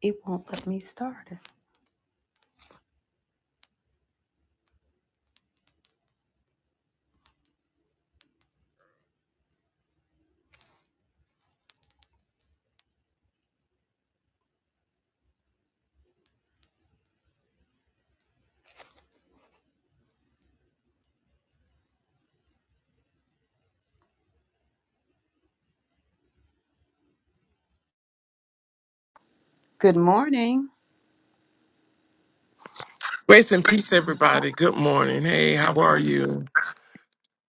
It won't let me start it. Good morning. Grace and peace, everybody. Good morning. Hey, how are you?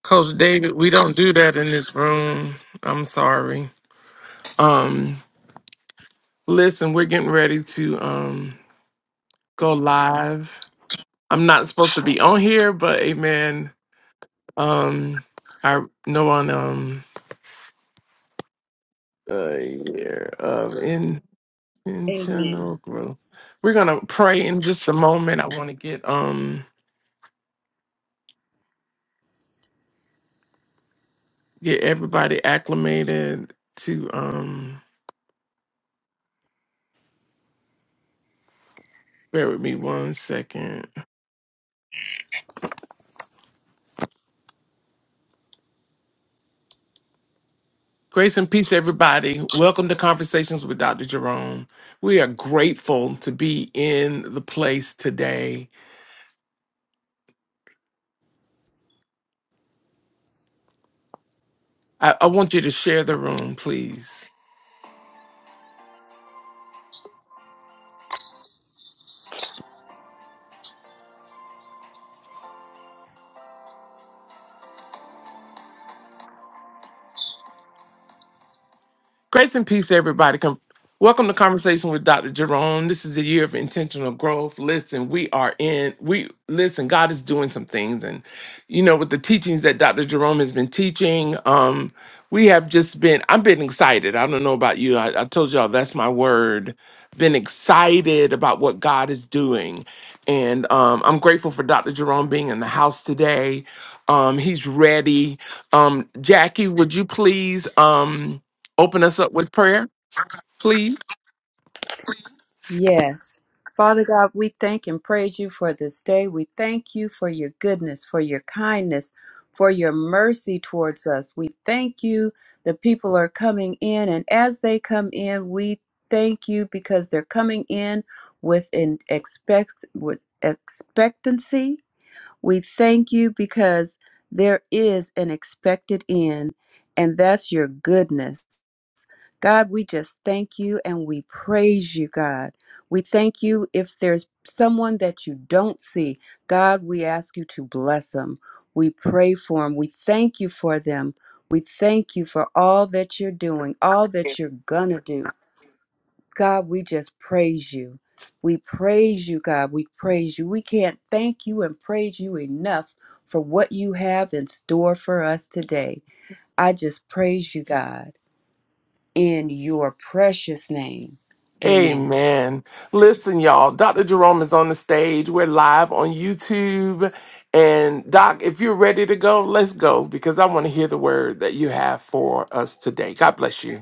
Coach David, we don't do that in this room. I'm sorry. Um, listen, we're getting ready to um go live. I'm not supposed to be on here, but amen. Um I no one um uh year of intentional Amen. growth. We're gonna pray in just a moment. I wanna get um get everybody acclimated to um bear with me one second. Grace and peace, everybody. Welcome to Conversations with Dr. Jerome. We are grateful to be in the place today. I, I want you to share the room, please. Grace and peace, everybody. Come, welcome to Conversation with Dr. Jerome. This is a year of intentional growth. Listen, we are in. We listen. God is doing some things, and you know, with the teachings that Dr. Jerome has been teaching, um, we have just been. I've been excited. I don't know about you. I, I told y'all that's my word. Been excited about what God is doing, and um, I'm grateful for Dr. Jerome being in the house today. Um, he's ready. Um, Jackie, would you please? Um, open us up with prayer, please? Yes. Father God, we thank and praise you for this day. We thank you for your goodness, for your kindness, for your mercy towards us. We thank you. The people are coming in, and as they come in, we thank you because they're coming in with an expect with expectancy. We thank you because there is an expected end, and that's your goodness. God, we just thank you and we praise you, God. We thank you if there's someone that you don't see. God, we ask you to bless them. We pray for them. We thank you for them. We thank you for all that you're doing, all that you're going to do. God, we just praise you. We praise you, God. We praise you. We can't thank you and praise you enough for what you have in store for us today. I just praise you, God in your precious name. Amen. Amen. Listen, y'all, Dr. Jerome is on the stage. We're live on YouTube. And, Doc, if you're ready to go, let's go because I want to hear the word that you have for us today. God bless you.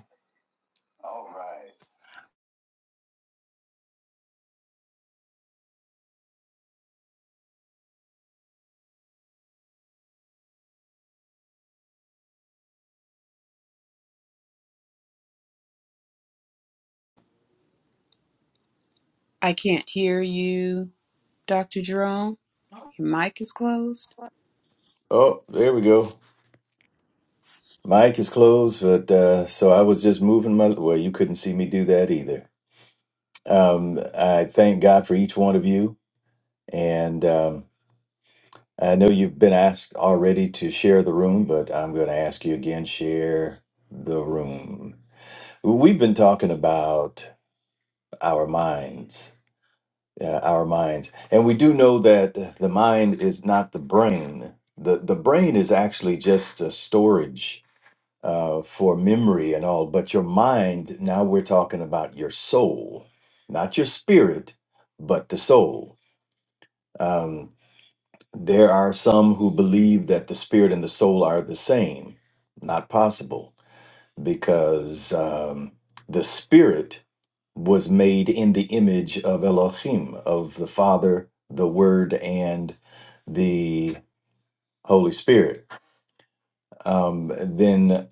I can't hear you, Dr. Jerome. Your mic is closed. Oh, there we go. Mic is closed, but uh, so I was just moving my. Well, you couldn't see me do that either. Um, I thank God for each one of you, and um, I know you've been asked already to share the room, but I'm going to ask you again: share the room. We've been talking about our minds, uh, our minds, and we do know that the mind is not the brain. the The brain is actually just a storage uh, for memory and all, but your mind, now we're talking about your soul, not your spirit, but the soul. Um, there are some who believe that the spirit and the soul are the same. Not possible, because um, the spirit was made in the image of Elohim, of the Father, the Word, and the Holy Spirit. Um, then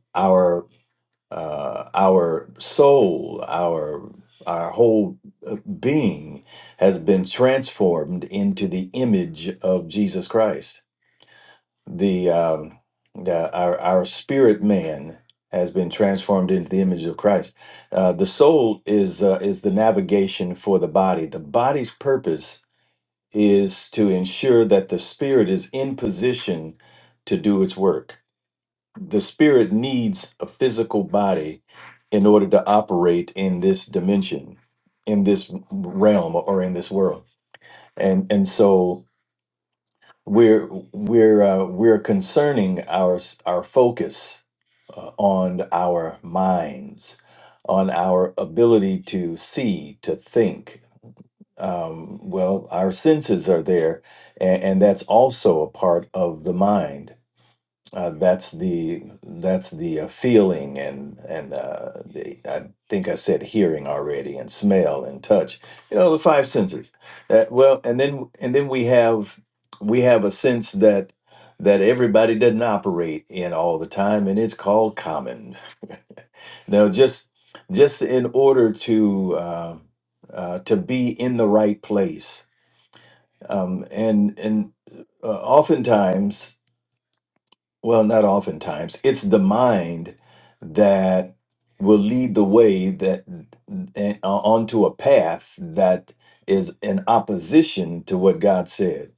uh, our soul, our our whole uh, being has been transformed into the image of Jesus Christ. The, um, the our our spirit man has been transformed into the image of Christ. Uh, the soul is uh, is the navigation for the body. The body's purpose is to ensure that the spirit is in position to do its work the spirit needs a physical body in order to operate in this dimension in this realm or in this world and and so we're we're uh, we're concerning our s- our focus uh, on our minds on our ability to see to think um, well our senses are there and, and that's also a part of the mind uh, that's the that's the uh, feeling and and uh, the, I think I said hearing already and smell and touch. You know the five senses. That well, and then and then we have we have a sense that that everybody doesn't operate in all the time, and it's called common. Now, just just in order to uh, uh, to be in the right place, um, and and uh, oftentimes. Well, not oftentimes. It's the mind that will lead the way that and, uh, onto a path that is in opposition to what God said.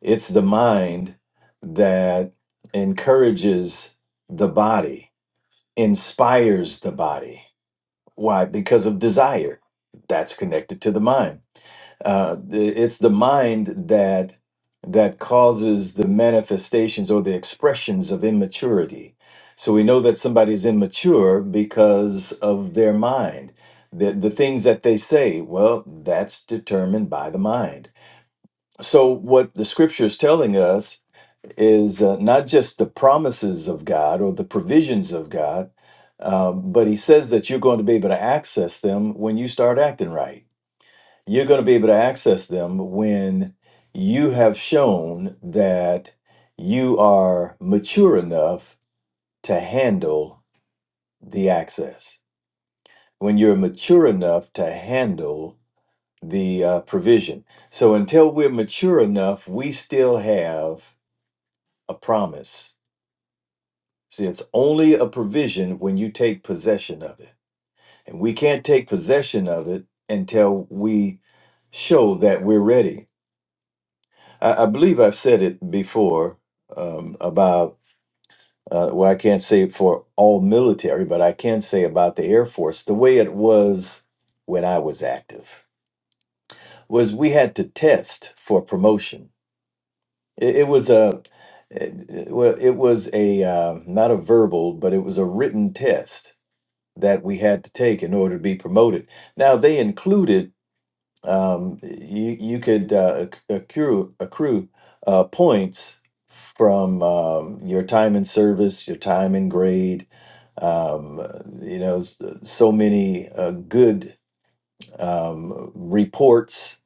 It's the mind that encourages the body, inspires the body. Why? Because of desire. That's connected to the mind uh, the- it's the mind that that causes the manifestations or the expressions of immaturity. So we know that somebody's immature because of their mind. The, the things that they say, well, that's determined by the mind. So, what the scripture is telling us is uh, not just the promises of God or the provisions of God, uh, but he says that you're going to be able to access them when you start acting right you're going to be able to access them when you have shown that you are mature enough to handle the access, when you're mature enough to handle the uh, provision. So until we're mature enough, we still have a promise. See, it's only a provision when you take possession of it. And we can't take possession of it until we show that we're ready. I, I believe I've said it before um, about, uh, well, I can't say it for all military, but I can say about the Air Force. The way it was when I was active was we had to test for promotion. It, it was a, it, well, it was a, uh, not a verbal, but it was a written test that we had to take in order to be promoted. Now, they included um, you you could uh, acc- accrue accrue uh, points from um, your time in service, your time in grade. Um, you know, s- so many uh, good um, reports,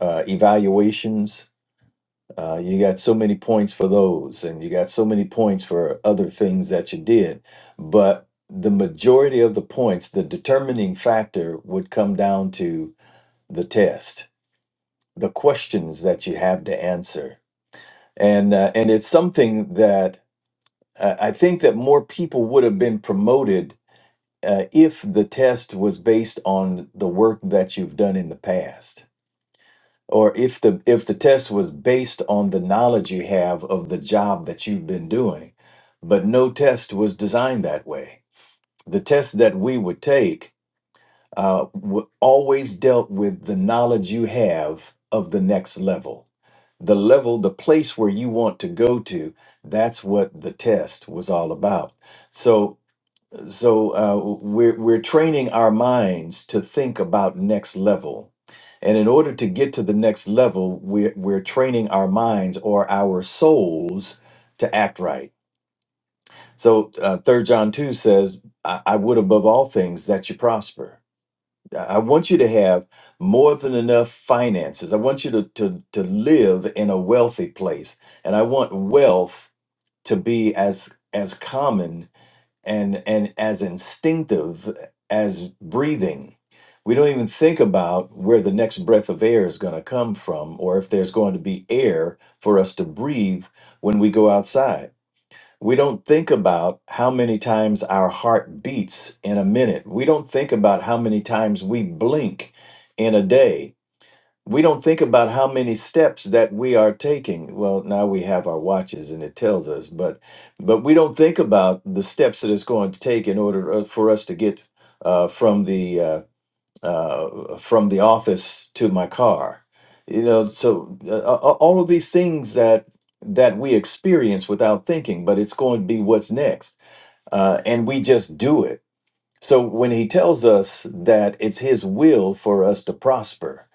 uh, evaluations. Uh, you got so many points for those, and you got so many points for other things that you did. But the majority of the points, the determining factor, would come down to the test the questions that you have to answer and uh, and it's something that uh, i think that more people would have been promoted uh, if the test was based on the work that you've done in the past or if the if the test was based on the knowledge you have of the job that you've been doing but no test was designed that way the test that we would take uh, w- always dealt with the knowledge you have of the next level the level, the place where you want to go to. That's what the test was all about. So, so uh, we're we're training our minds to think about next level, and in order to get to the next level, we're we're training our minds or our souls to act right. So, uh, Third John two says, I, "I would above all things that you prosper." I want you to have more than enough finances. I want you to, to, to live in a wealthy place. And I want wealth to be as as common and and as instinctive as breathing. We don't even think about where the next breath of air is going to come from or if there's going to be air for us to breathe when we go outside we don't think about how many times our heart beats in a minute. We don't think about how many times we blink in a day. We don't think about how many steps that we are taking. Well, now we have our watches and it tells us, but but we don't think about the steps that it's going to take in order uh, for us to get uh, from the uh, uh, from the office to my car. You know, so uh, a- a- all of these things that that we experience without thinking, but it's going to be what's next, uh, and we just do it. So when he tells us that it's his will for us to prosper,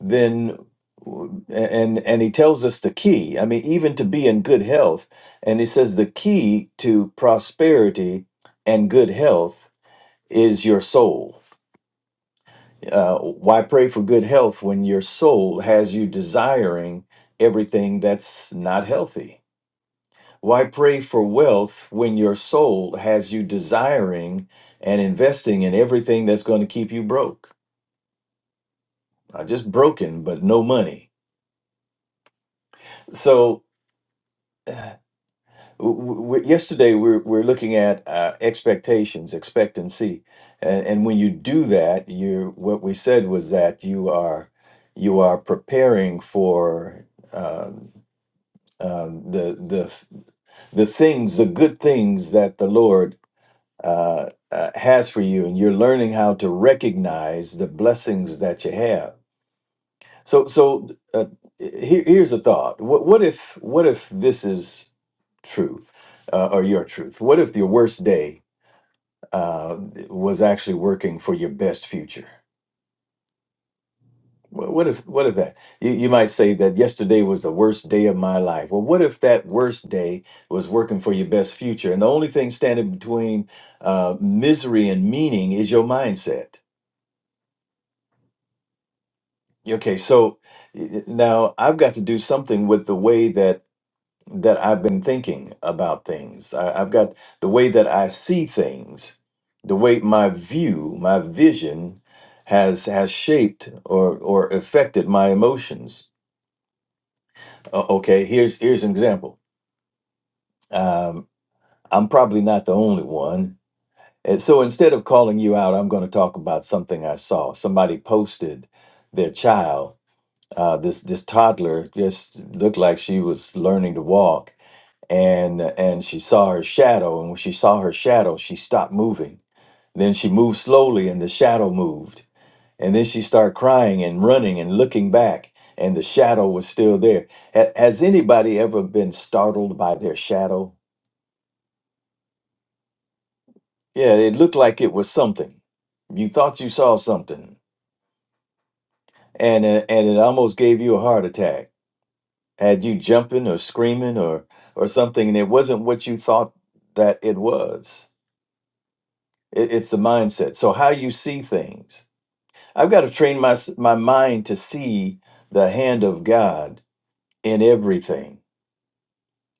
then w- and and he tells us the key. I mean, even to be in good health, and he says the key to prosperity and good health is your soul uh, why pray for good health when your soul has you desiring everything that's not healthy? Why pray for wealth when your soul has you desiring and investing in everything that's going to keep you broke? Not just broken, but no money. So, w- w- yesterday we are we're looking at uh, expectations, expectancy, and, and when you do that, you what we said was that you are you are preparing for. uh, uh, the the the things, the good things that the Lord uh, uh, has for you, and you're learning how to recognize the blessings that you have. So, so uh, here, here's a thought: what, what if what if this is true, uh, or your truth? What if your worst day uh, was actually working for your best future? Wh- What if what if that? You you might say that yesterday was the worst day of my life. Well, what if that worst day was working for your best future? And the only thing standing between uh, misery and meaning is your mindset. Okay, so y- y- now I've got to do something with the way that that I've been thinking about things. I, I've got the way that I see things, the way my view, my vision has has shaped or or affected my emotions O- okay here's here's an example um, i'm probably not the only one and so instead of calling you out i'm going to talk about something i saw somebody posted their child uh, this this toddler just looked like she was learning to walk and and she saw her shadow and when she saw her shadow she stopped moving then she moved slowly and the shadow moved And then she started crying and running and looking back, and the shadow was still there. Ha- has anybody ever been startled by their shadow? Yeah, it looked like it was something. You thought you saw something, and uh, and it almost gave you a heart attack. Had you jumping or screaming or or something, and it wasn't what you thought that it was. It, it's the mindset. So how you see things. I've got to train my s- my mind to see the hand of God in everything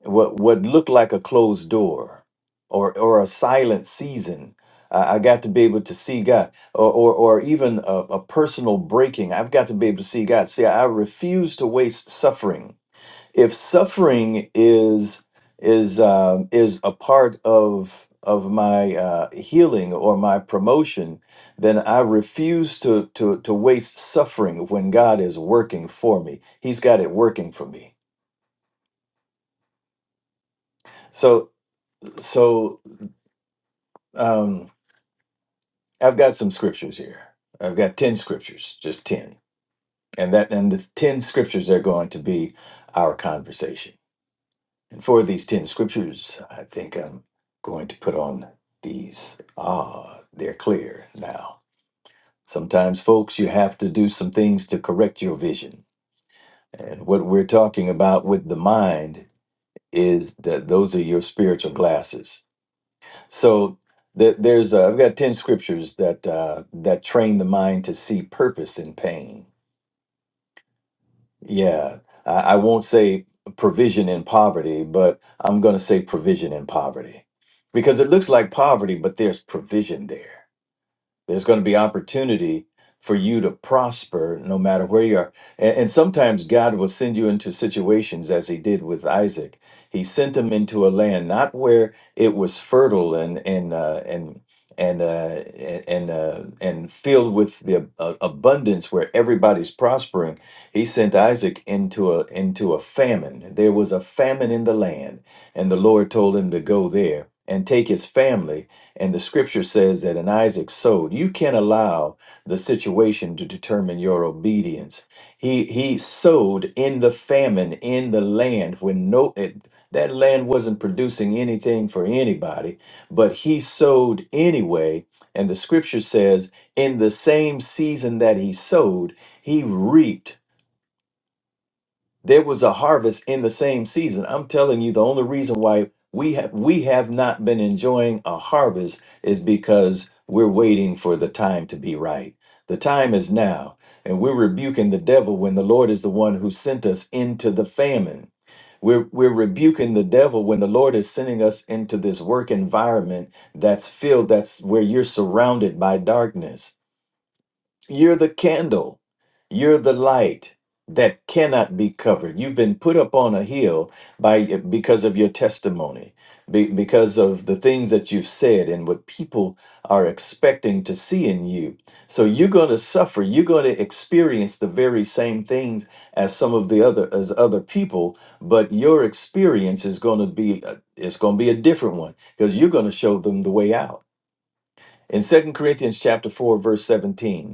what what looked like a closed door or or a silent season i, I got to be able to see god or or, or even a, a personal breaking i've got to be able to see god see i refuse to waste suffering if suffering is is uh, is a part of of my uh, healing or my promotion, then I refuse to to to waste suffering when God is working for me. He's got it working for me. So so um, I've got some scriptures here. I've got 10 scriptures, just 10. And that and the 10 scriptures are going to be our conversation. And for these 10 scriptures, I think I'm going to put on these. Ah, they're clear now. Sometimes folks, you have to do some things to correct your vision. And what we're talking about with the mind is that those are your spiritual glasses So th- there's uh, I've got ten scriptures that uh, that train the mind to see purpose in pain. Yeah, I, I won't say provision in poverty, but I'm going to say provision in poverty because it looks like poverty, but there's provision there. There's going to be opportunity for you to prosper no matter where you are. And, and sometimes God will send you into situations as he did with Isaac. He sent him into a land not where it was fertile and and uh, and and uh, and uh, and filled with the uh, abundance where everybody's prospering. He sent Isaac into a into a famine. There was a famine in the land, and the Lord told him to go there and take his family and the scripture says that in Isaac sowed, you can't allow the situation to determine your obedience. He he sowed in the famine in the land when no it, that land wasn't producing anything for anybody, but he sowed anyway. And the scripture says, in the same season that he sowed, he reaped there was a harvest in the same season. I'm telling you, the only reason why we have we have not been enjoying a harvest is because we're waiting for the time to be right. The time is now, and we're rebuking the devil when the Lord is the one who sent us into the famine. We're, we're rebuking the devil when the Lord is sending us into this work environment that's filled, that's where you're surrounded by darkness you're the candle. You're the light that cannot be covered. You've been put up on a hill by because of your testimony, be, because of the things that you've said and what people are expecting to see in you. So you're going to suffer. You're going to experience the very same things as some of the other as other people, but your experience is going to be uh, it's going to be a different one because you're going to show them the way out. In Second Corinthians chapter 4 verse 17,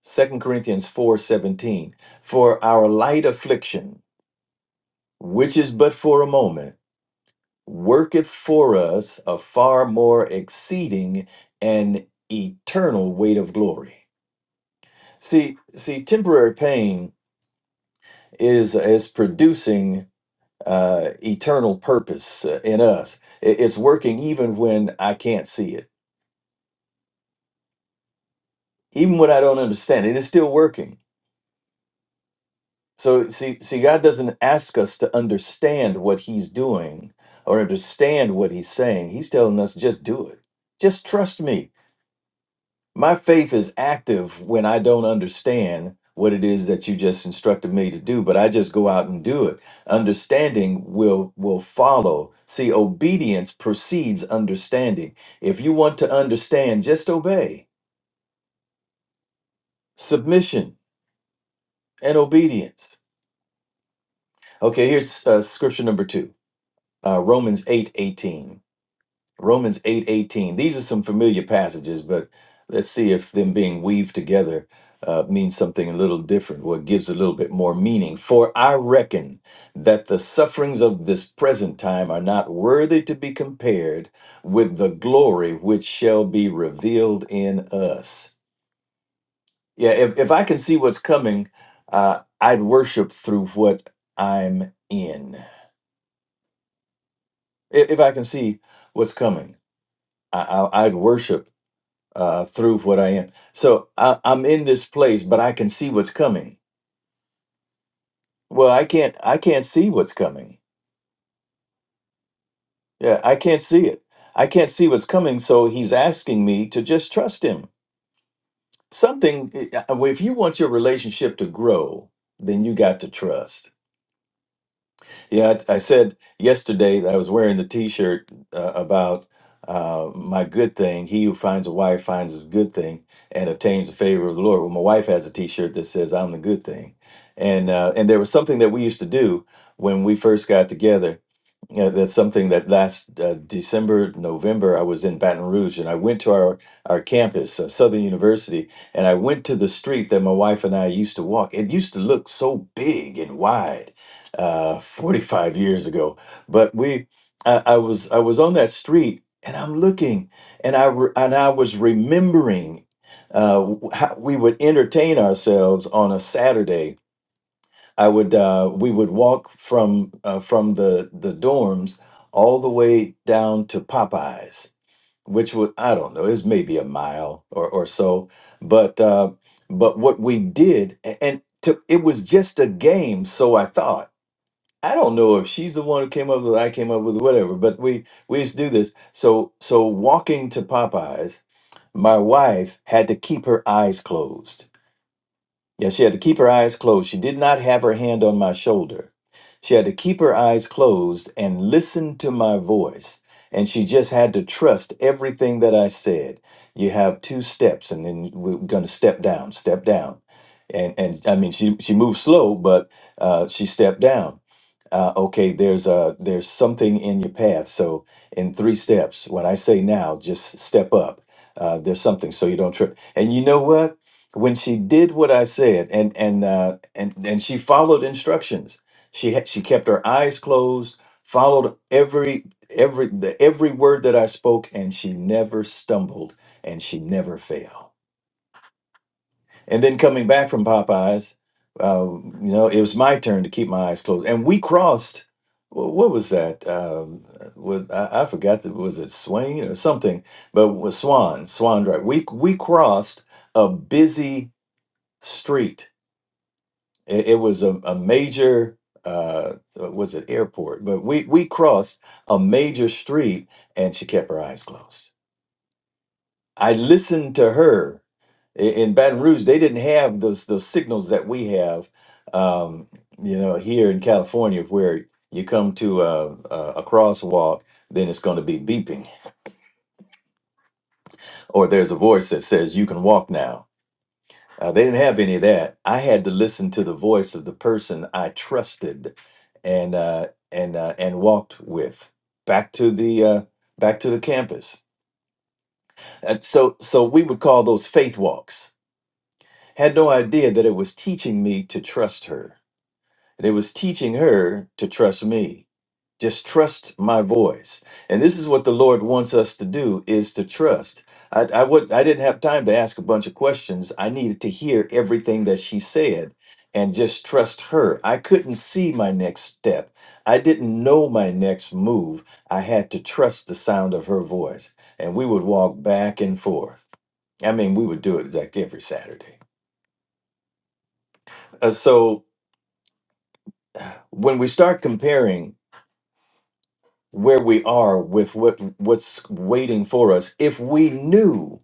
Second Corinthians 4:17 For our light affliction which is but for a moment worketh for us a far more exceeding and eternal weight of glory. See see temporary pain is is producing uh, eternal purpose uh, in us. It- It's working even when I can't see it. Even when I don't understand it, it's still working So see, see, God doesn't ask us to understand what He's doing or understand what He's saying. He's telling us just do it. Just trust me. My faith is active when I don't understand what it is that you just instructed me to do, but I just go out and do it. Understanding will will follow. See, obedience precedes understanding. If you want to understand, just obey. Submission and obedience. Okay, here's uh, scripture number two, uh, Romans eight eighteen. Romans 8 18. These are some familiar passages, but let's see if them being weaved together uh, means something a little different or gives a little bit more meaning. For I reckon that the sufferings of this present time are not worthy to be compared with the glory which shall be revealed in us. Yeah, if, if I can see what's coming, uh, I'd worship through what I'm in. If, if I can see what's coming, I, I, I'd worship uh, through what I am. So I, I'm in this place, but I can see what's coming. Well, I can't. I can't see what's coming. Yeah, I can't see it. I can't see what's coming. So he's asking me to just trust him. Something. eh, uh, If you want your relationship to grow, then you got to trust. Yeah, I, I said yesterday that I was wearing the T-shirt uh, about uh, my good thing. He who finds a wife finds a good thing and obtains the favor of the Lord. Well, my wife has a T-shirt that says "I'm the good thing," and uh, and there was something that we used to do when we first got together. Yeah, that's something that last uh, December, November, I was in Baton Rouge and I went to our, our campus, uh, Southern University, and I went to the street that my wife and I used to walk. It used to look so big and wide uh, 45 years ago. But we, I, I was, I was on that street, and I'm looking, and I, re- and I was remembering uh, w- how we would entertain ourselves on a Saturday. I would, uh, we would walk from uh, from the the dorms all the way down to Popeyes, which was, I don't know, is maybe a mile or or so, but. Uh, but what we did, a- and to, it was just a game, so I thought I don't know if she's the one who came up with it, I came up with it, whatever, but we we used to do this. So so walking to Popeyes, my wife had to keep her eyes closed. Yeah, she had to keep her eyes closed. She did not have her hand on my shoulder. She had to keep her eyes closed and listen to my voice. And she just had to trust everything that I said. You have two steps, and then we're going to step down, step down. And, and I mean, she, she moved slow, but uh, she stepped down uh, okay there's a there's something in your path so in three steps when i say now just step up uh, there's something so you don't trip and you know what when she did what i said and and uh, and and she followed instructions she had she kept her eyes closed followed every every the every word that i spoke and she never stumbled and she never failed and then coming back from Popeyes, uh, you know, it was my turn to keep my eyes closed. And we crossed, wh- what was that? Um, was I, I forgot that was it Swain or something? But was Swan Swan Drive? We we crossed a busy street. It, it was a, a major. Uh, was it airport? But we we crossed a major street, and she kept her eyes closed. I listened to her I- in Baton Rouge. They didn't have those those signals that we have, um, you know, here in California, where you come to a, a, a crosswalk, then it's going to be beeping, or there's a voice that says you can walk now. Uh, they didn't have any of that. I had to listen to the voice of the person I trusted, and uh, and uh, and walked with back to the uh, back to the campus. And so so we would call those faith walks Had no idea that it was teaching me to trust her. And it was teaching her to trust me. Just trust my voice. And this is what the Lord wants us to do is to trust. I, I would I didn't have time to ask a bunch of questions. I needed to hear everything that she said and just trust her. I couldn't see my next step. I didn't know my next move. I had to trust the sound of her voice. And we would walk back and forth. I mean, we would do it like every Saturday. Uh, so when we start comparing where we are with what what's waiting for us if we knew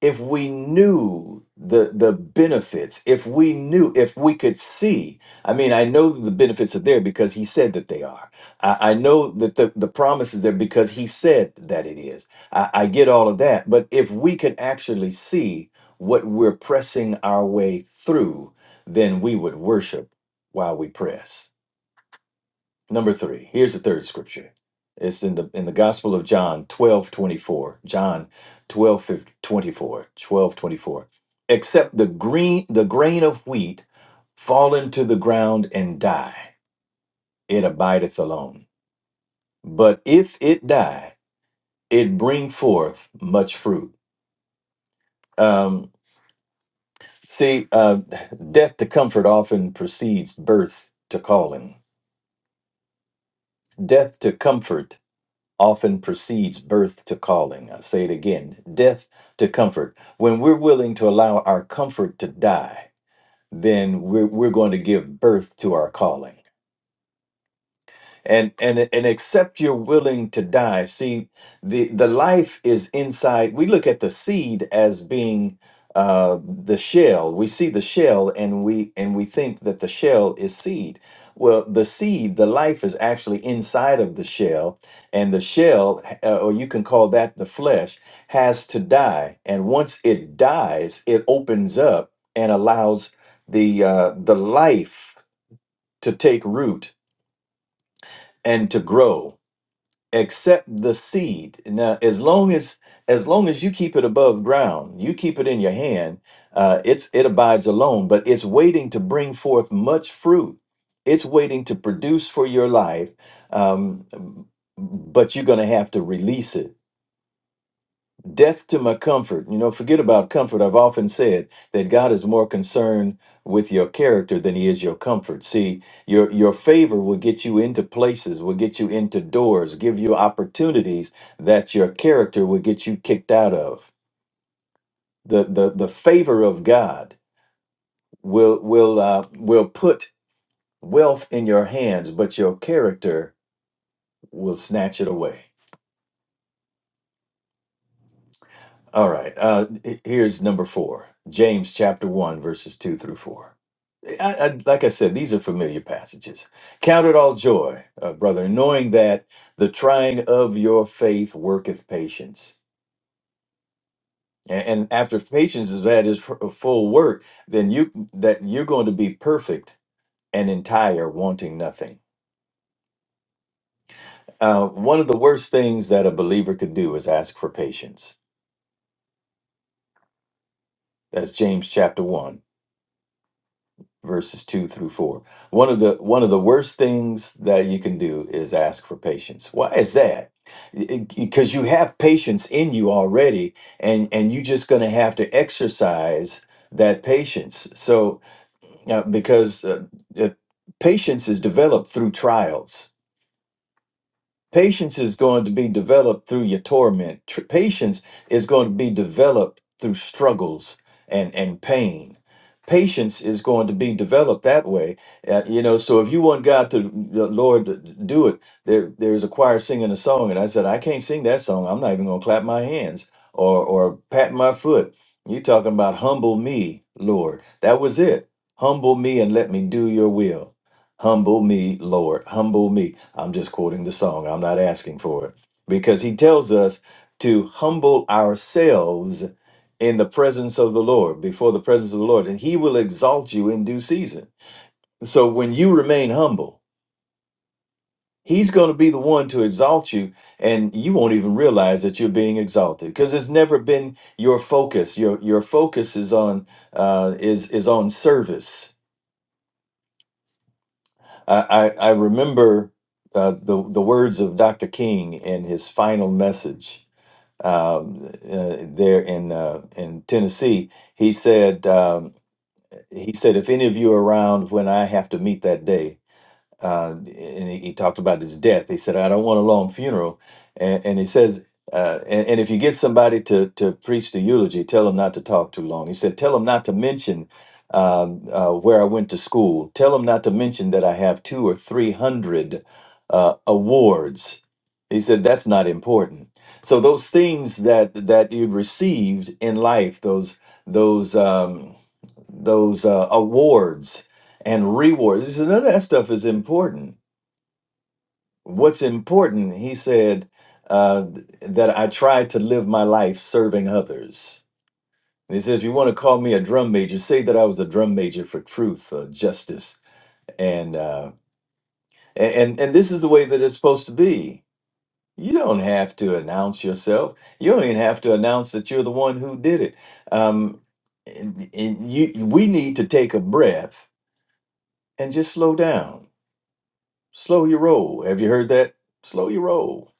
if we knew the the benefits if we knew if we could see i mean i know that the benefits are there because he said that they are i, I know that the, the promise is there because he said that it is I, I get all of that but if we could actually see what we're pressing our way through then we would worship while we press Number three, here's the third scripture. It's in the in the Gospel of John 12 24. John 12 24. 12 24. Except the green the grain of wheat fall into the ground and die, it abideth alone. But if it die, it bring forth much fruit. Um, see, uh, death to comfort often precedes birth to calling. Death to comfort often precedes birth to calling. I say it again death to comfort. When we're willing to allow our comfort to die, then we're, we're going to give birth to our calling and and and except you're willing to die see the the life is inside we look at the seed as being uh the shell we see the shell and we and we think that the shell is seed well the seed the life is actually inside of the shell and the shell uh, or you can call that the flesh has to die and once it dies it opens up and allows the uh the life to take root and to grow except the seed. Now, as long as as long as you keep it above ground, you keep it in your hand, uh, it's it abides alone, but it's waiting to bring forth much fruit. It's waiting to produce for your life, um, but you're going to have to release it Death to my comfort. You know, forget about comfort. I've often said that God is more concerned with your character than he is your comfort. See, your your favor will get you into places, will get you into doors, give you opportunities that your character will get you kicked out of. The the the favor of God will will uh, will put wealth in your hands, but your character will snatch it away. All right. Uh, h- here's number four James chapter 1, verses 2 through 4. I, I, like I said, these are familiar passages. Count it all joy, uh, brother, knowing that the trying of your faith worketh patience. A- And, after patience is that is f- full work, then you that you're going to be perfect and entire, wanting nothing. Uh, one of the worst things that a believer could do is ask for patience. That's James chapter one verses 2 through 4 one of the one of the worst things that you can do is ask for patience why is that because you have patience in you already and and you're just going to have to exercise that patience so uh, because uh, uh, patience is developed through trials Patience is going to be developed through your torment. Tr- patience is going to be developed through struggles and, and pain. Patience is going to be developed that way. Uh, you know, so if you want God to, the Lord, to do it, there, there's a choir singing a song, and I said, I can't sing that song. I'm not even going to clap my hands or, or pat my foot. You're talking about humble me, Lord. That was it. Humble me and let me do your will Humble me, Lord, humble me. I'm just quoting the song. I'm not asking for it. Because he tells us to humble ourselves in the presence of the Lord, before the presence of the Lord, and he will exalt you in due season. So when you remain humble, he's going to be the one to exalt you, and you won't even realize that you're being exalted because it's never been your focus. Your your focus is on uh, is is on service I, I, I remember uh, the, the words of Dr. King in his final message um, uh, there in, uh, in Tennessee. He said, um, he said, if any of you are around when I have to meet that day, uh, and he, he talked about his death. He said, "I don't want a long funeral," and, and he says, uh, and, "And if you get somebody to to preach the eulogy, tell them not to talk too long." He said, "Tell them not to mention um, uh, where I went to school. Tell them not to mention that I have two or three hundred uh, awards." He said, "That's not important." So those things that that you received in life, those those um, those uh, awards and rewards. He said, none of that stuff is important. What's important, he said, uh, th- that I tried to live my life serving others. And he said, if you want to call me a drum major, say that I was a drum major for truth, uh, justice, and uh, a- and and this is the way that it's supposed to be. You don't have to announce yourself. You don't even have to announce that you're the one who did it. Um, and- and you, we need to take a breath and just slow down slow your roll. Have you heard that? Slow your roll.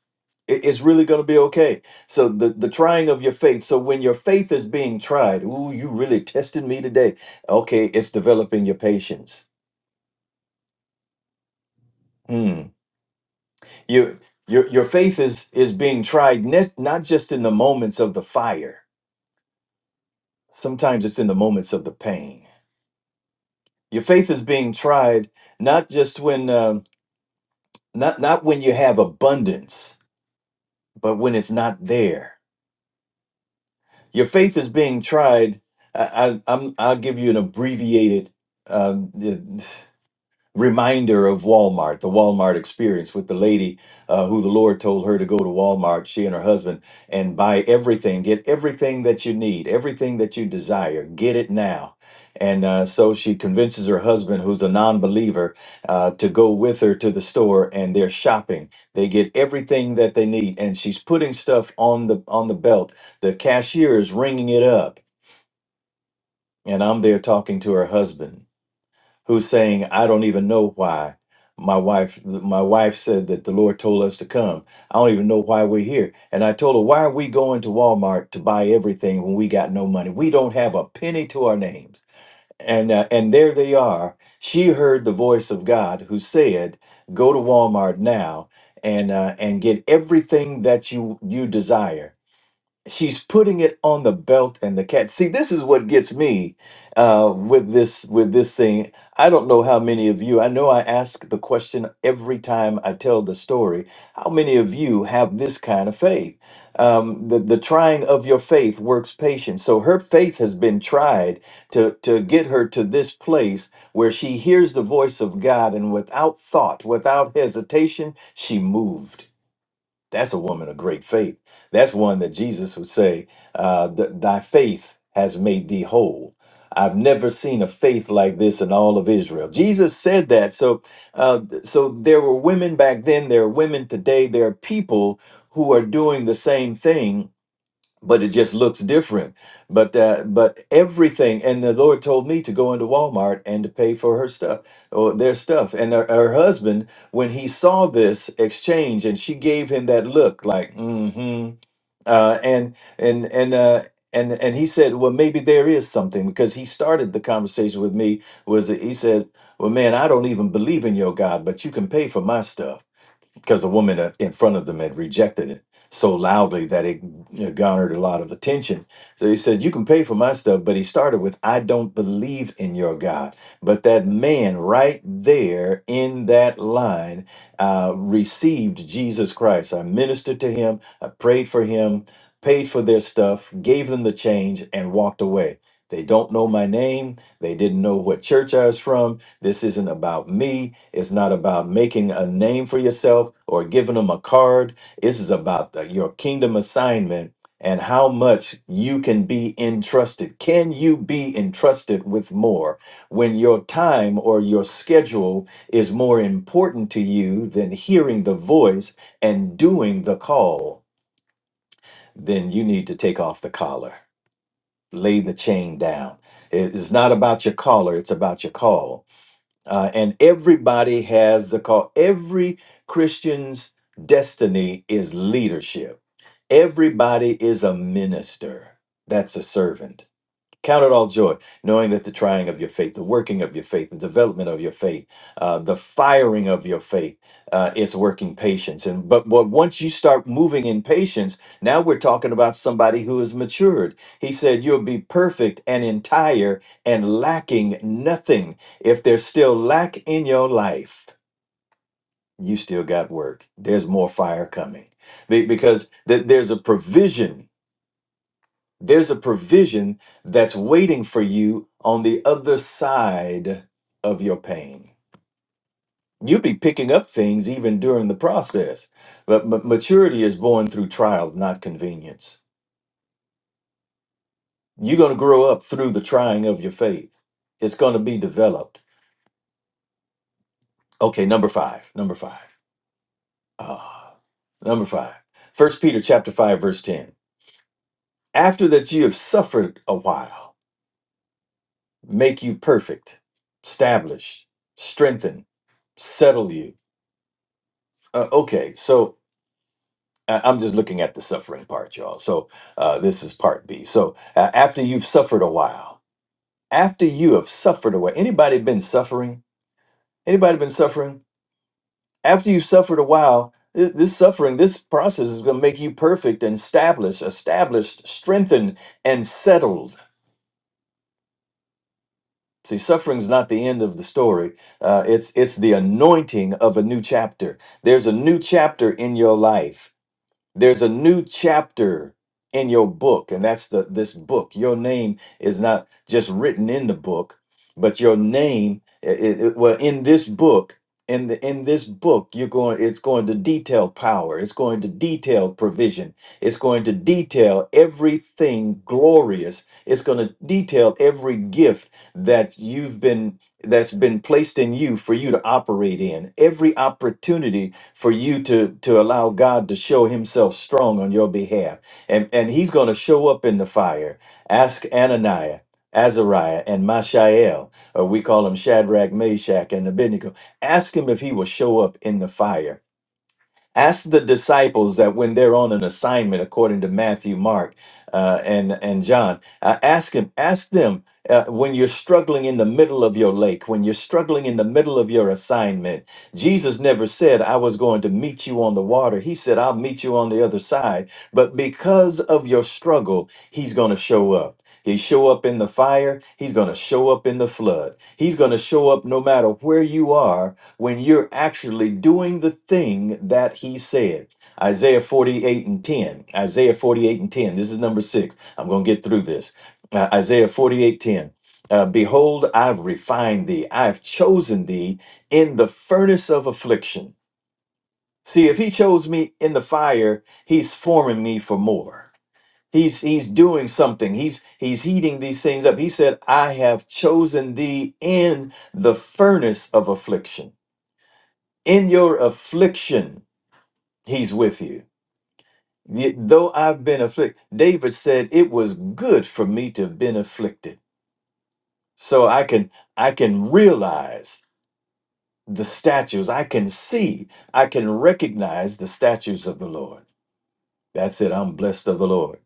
It- It's really going to be okay. So the the trying of your faith. So when your faith is being tried, ooh, you really tested me today. Okay, it's developing your patience. Hmm. Your your your faith is is being tried ne- not just in the moments of the fire. Sometimes it's in the moments of the pain. Your faith is being tried not just when um, not not when you have abundance, but when it's not there Your faith is being tried. I, I, I'm, I'll give you an abbreviated. Uh, reminder of Walmart, the Walmart experience with the lady uh, who the Lord told her to go to Walmart, she and her husband, and buy everything, get everything that you need, everything that you desire, get it now. And uh, so she convinces her husband, who's a non believer, uh, to go with her to the store and they're shopping. They get everything that they need. And she's putting stuff on the, on the belt. The cashier is ringing it up. And I'm there talking to her husband who's saying, "I don't even know why my wife my wife said that the Lord told us to come. I don't even know why we're here." And I told her, "Why are we going to Walmart to buy everything when we got no money? We don't have a penny to our names." And uh, and there they are. She heard the voice of God who said, "Go to Walmart now." And, uh, and get everything that you you desire she's putting it on the belt and the cat. See, this is what gets me uh, with this with this thing. I don't know how many of you. I know I ask the question every time I tell the story. How many of you have this kind of faith? Um, the the trying of your faith works patience. So her faith has been tried to to get her to this place where she hears the voice of God and without thought, without hesitation, she moved that's a woman of great faith. That's one that Jesus would say, uh, th- Thy faith has made thee whole. I've never seen a faith like this in all of Israel. Jesus said that. So, uh, th- so there were women back then. There are women today. There are people who are doing the same thing but it just looks different. But uh, but everything, and the Lord told me to go into Walmart and to pay for her stuff or their stuff. And her, her husband, when he saw this exchange, and she gave him that look, like mm-hmm, uh, and and and. Uh, and, and he said, well, maybe there is something because he started the conversation with me. Was that he said, well, man, I don't even believe in your God, but you can pay for my stuff because a woman a- in front of them had rejected it so loudly that it you know, garnered a lot of attention. So he said, You can pay for my stuff. But he started with, I don't believe in your God. But that man right there in that line uh, received Jesus Christ. I ministered to him, I prayed for him, paid for their stuff, gave them the change, and walked away. They don't know my name. They didn't know what church I was from this isn't about me. It's not about making a name for yourself or giving them a card. This is about the- your kingdom assignment and how much you can be entrusted. Can you be entrusted with more when your time or your schedule is more important to you than hearing the voice and doing the call? Then you need to take off the collar, lay the chain down. It is not about your collar, it's about your call uh, and everybody has a call. Every Christian's destiny is leadership. Everybody is a minister. That's a servant. Count it all joy, knowing that the trying of your faith, the working of your faith, the development of your faith, uh, the firing of your faith uh, is working patience. And but but once you start moving in patience, now we're talking about somebody who is matured. He said, "You'll be perfect and entire and lacking nothing." If there's still lack in your life, you still got work. There's more fire coming Be- because th- there's a provision there's a provision that's waiting for you on the other side of your pain. You'll be picking up things even during the process. But ma- maturity is born through trial, not convenience. You're going to grow up through the trying of your faith. It's going to be developed. Okay, number five. Number five. Ah, number five. First Peter chapter five, verse ten. After that you have suffered a while, make you perfect, establish, strengthen, settle you. Uh, okay, so uh, I'm just looking at the suffering part, y'all. So uh, this is part B. So uh, after you've suffered a while, after you have suffered a while, anybody been suffering? Anybody been suffering? After you've suffered a while, thi- this suffering, this process is going to make you perfect and established, established, strengthened, and settled. See, suffering's not the end of the story. Uh, it's it's the anointing of a new chapter. There's a new chapter in your life There's a new chapter in your book, and that's the this book. Your name is not just written in the book, but your name, it, it- well, in this book, in the in this book, you're going. It's going to detail power. It's going to detail provision. It's going to detail everything glorious. It's going to detail every gift that you've been that's been placed in you for you to operate in. Every opportunity for you to to allow God to show himself strong on your behalf. And and he's going to show up in the fire. Ask Ananias, Azariah, and Mishael, or we call him Shadrach, Meshach, and Abednego. Ask him if he will show up in the fire Ask the disciples that when they're on an assignment, according to Matthew, Mark, uh, and and John, uh, ask him, ask them uh, when you're struggling in the middle of your lake, when you're struggling in the middle of your assignment. Jesus never said, "I was going to meet you on the water." He said, "I'll meet you on the other side." But because of your struggle, He's going to show up. He show up in the fire. He's going to show up in the flood. He's going to show up no matter where you are when you're actually doing the thing that he said. Isaiah 48 and 10. Isaiah 48 and 10. This is number six. I'm going to get through this. Uh, Isaiah 48 10. Uh, Behold, I've refined thee. I've chosen thee in the furnace of affliction. See, if he chose me in the fire, he's forming me for more. He's he's doing something. He's he's heating these things up. He said, I have chosen thee in the furnace of affliction in your affliction, he's with you. Yet Though I've been afflicted, David said, it was good for me to have been afflicted. So I can I can realize the statues. I can see, I can recognize the statues of the Lord. That's it. I'm blessed of the Lord.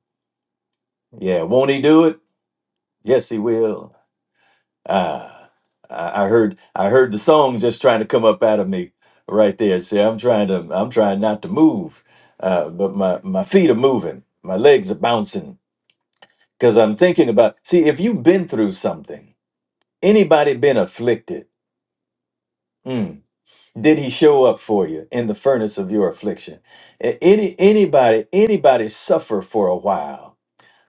Yeah, won't he do it? Yes, he will. Ah, I I heard I heard the song just trying to come up out of me right there. See, I'm trying to I'm trying not to move, uh, but my my feet are moving, my legs are bouncing because I'm thinking about. See, if you've been through something, anybody been afflicted? mm, did he show up for you in the furnace of your affliction? A- Any anybody anybody suffer for a while?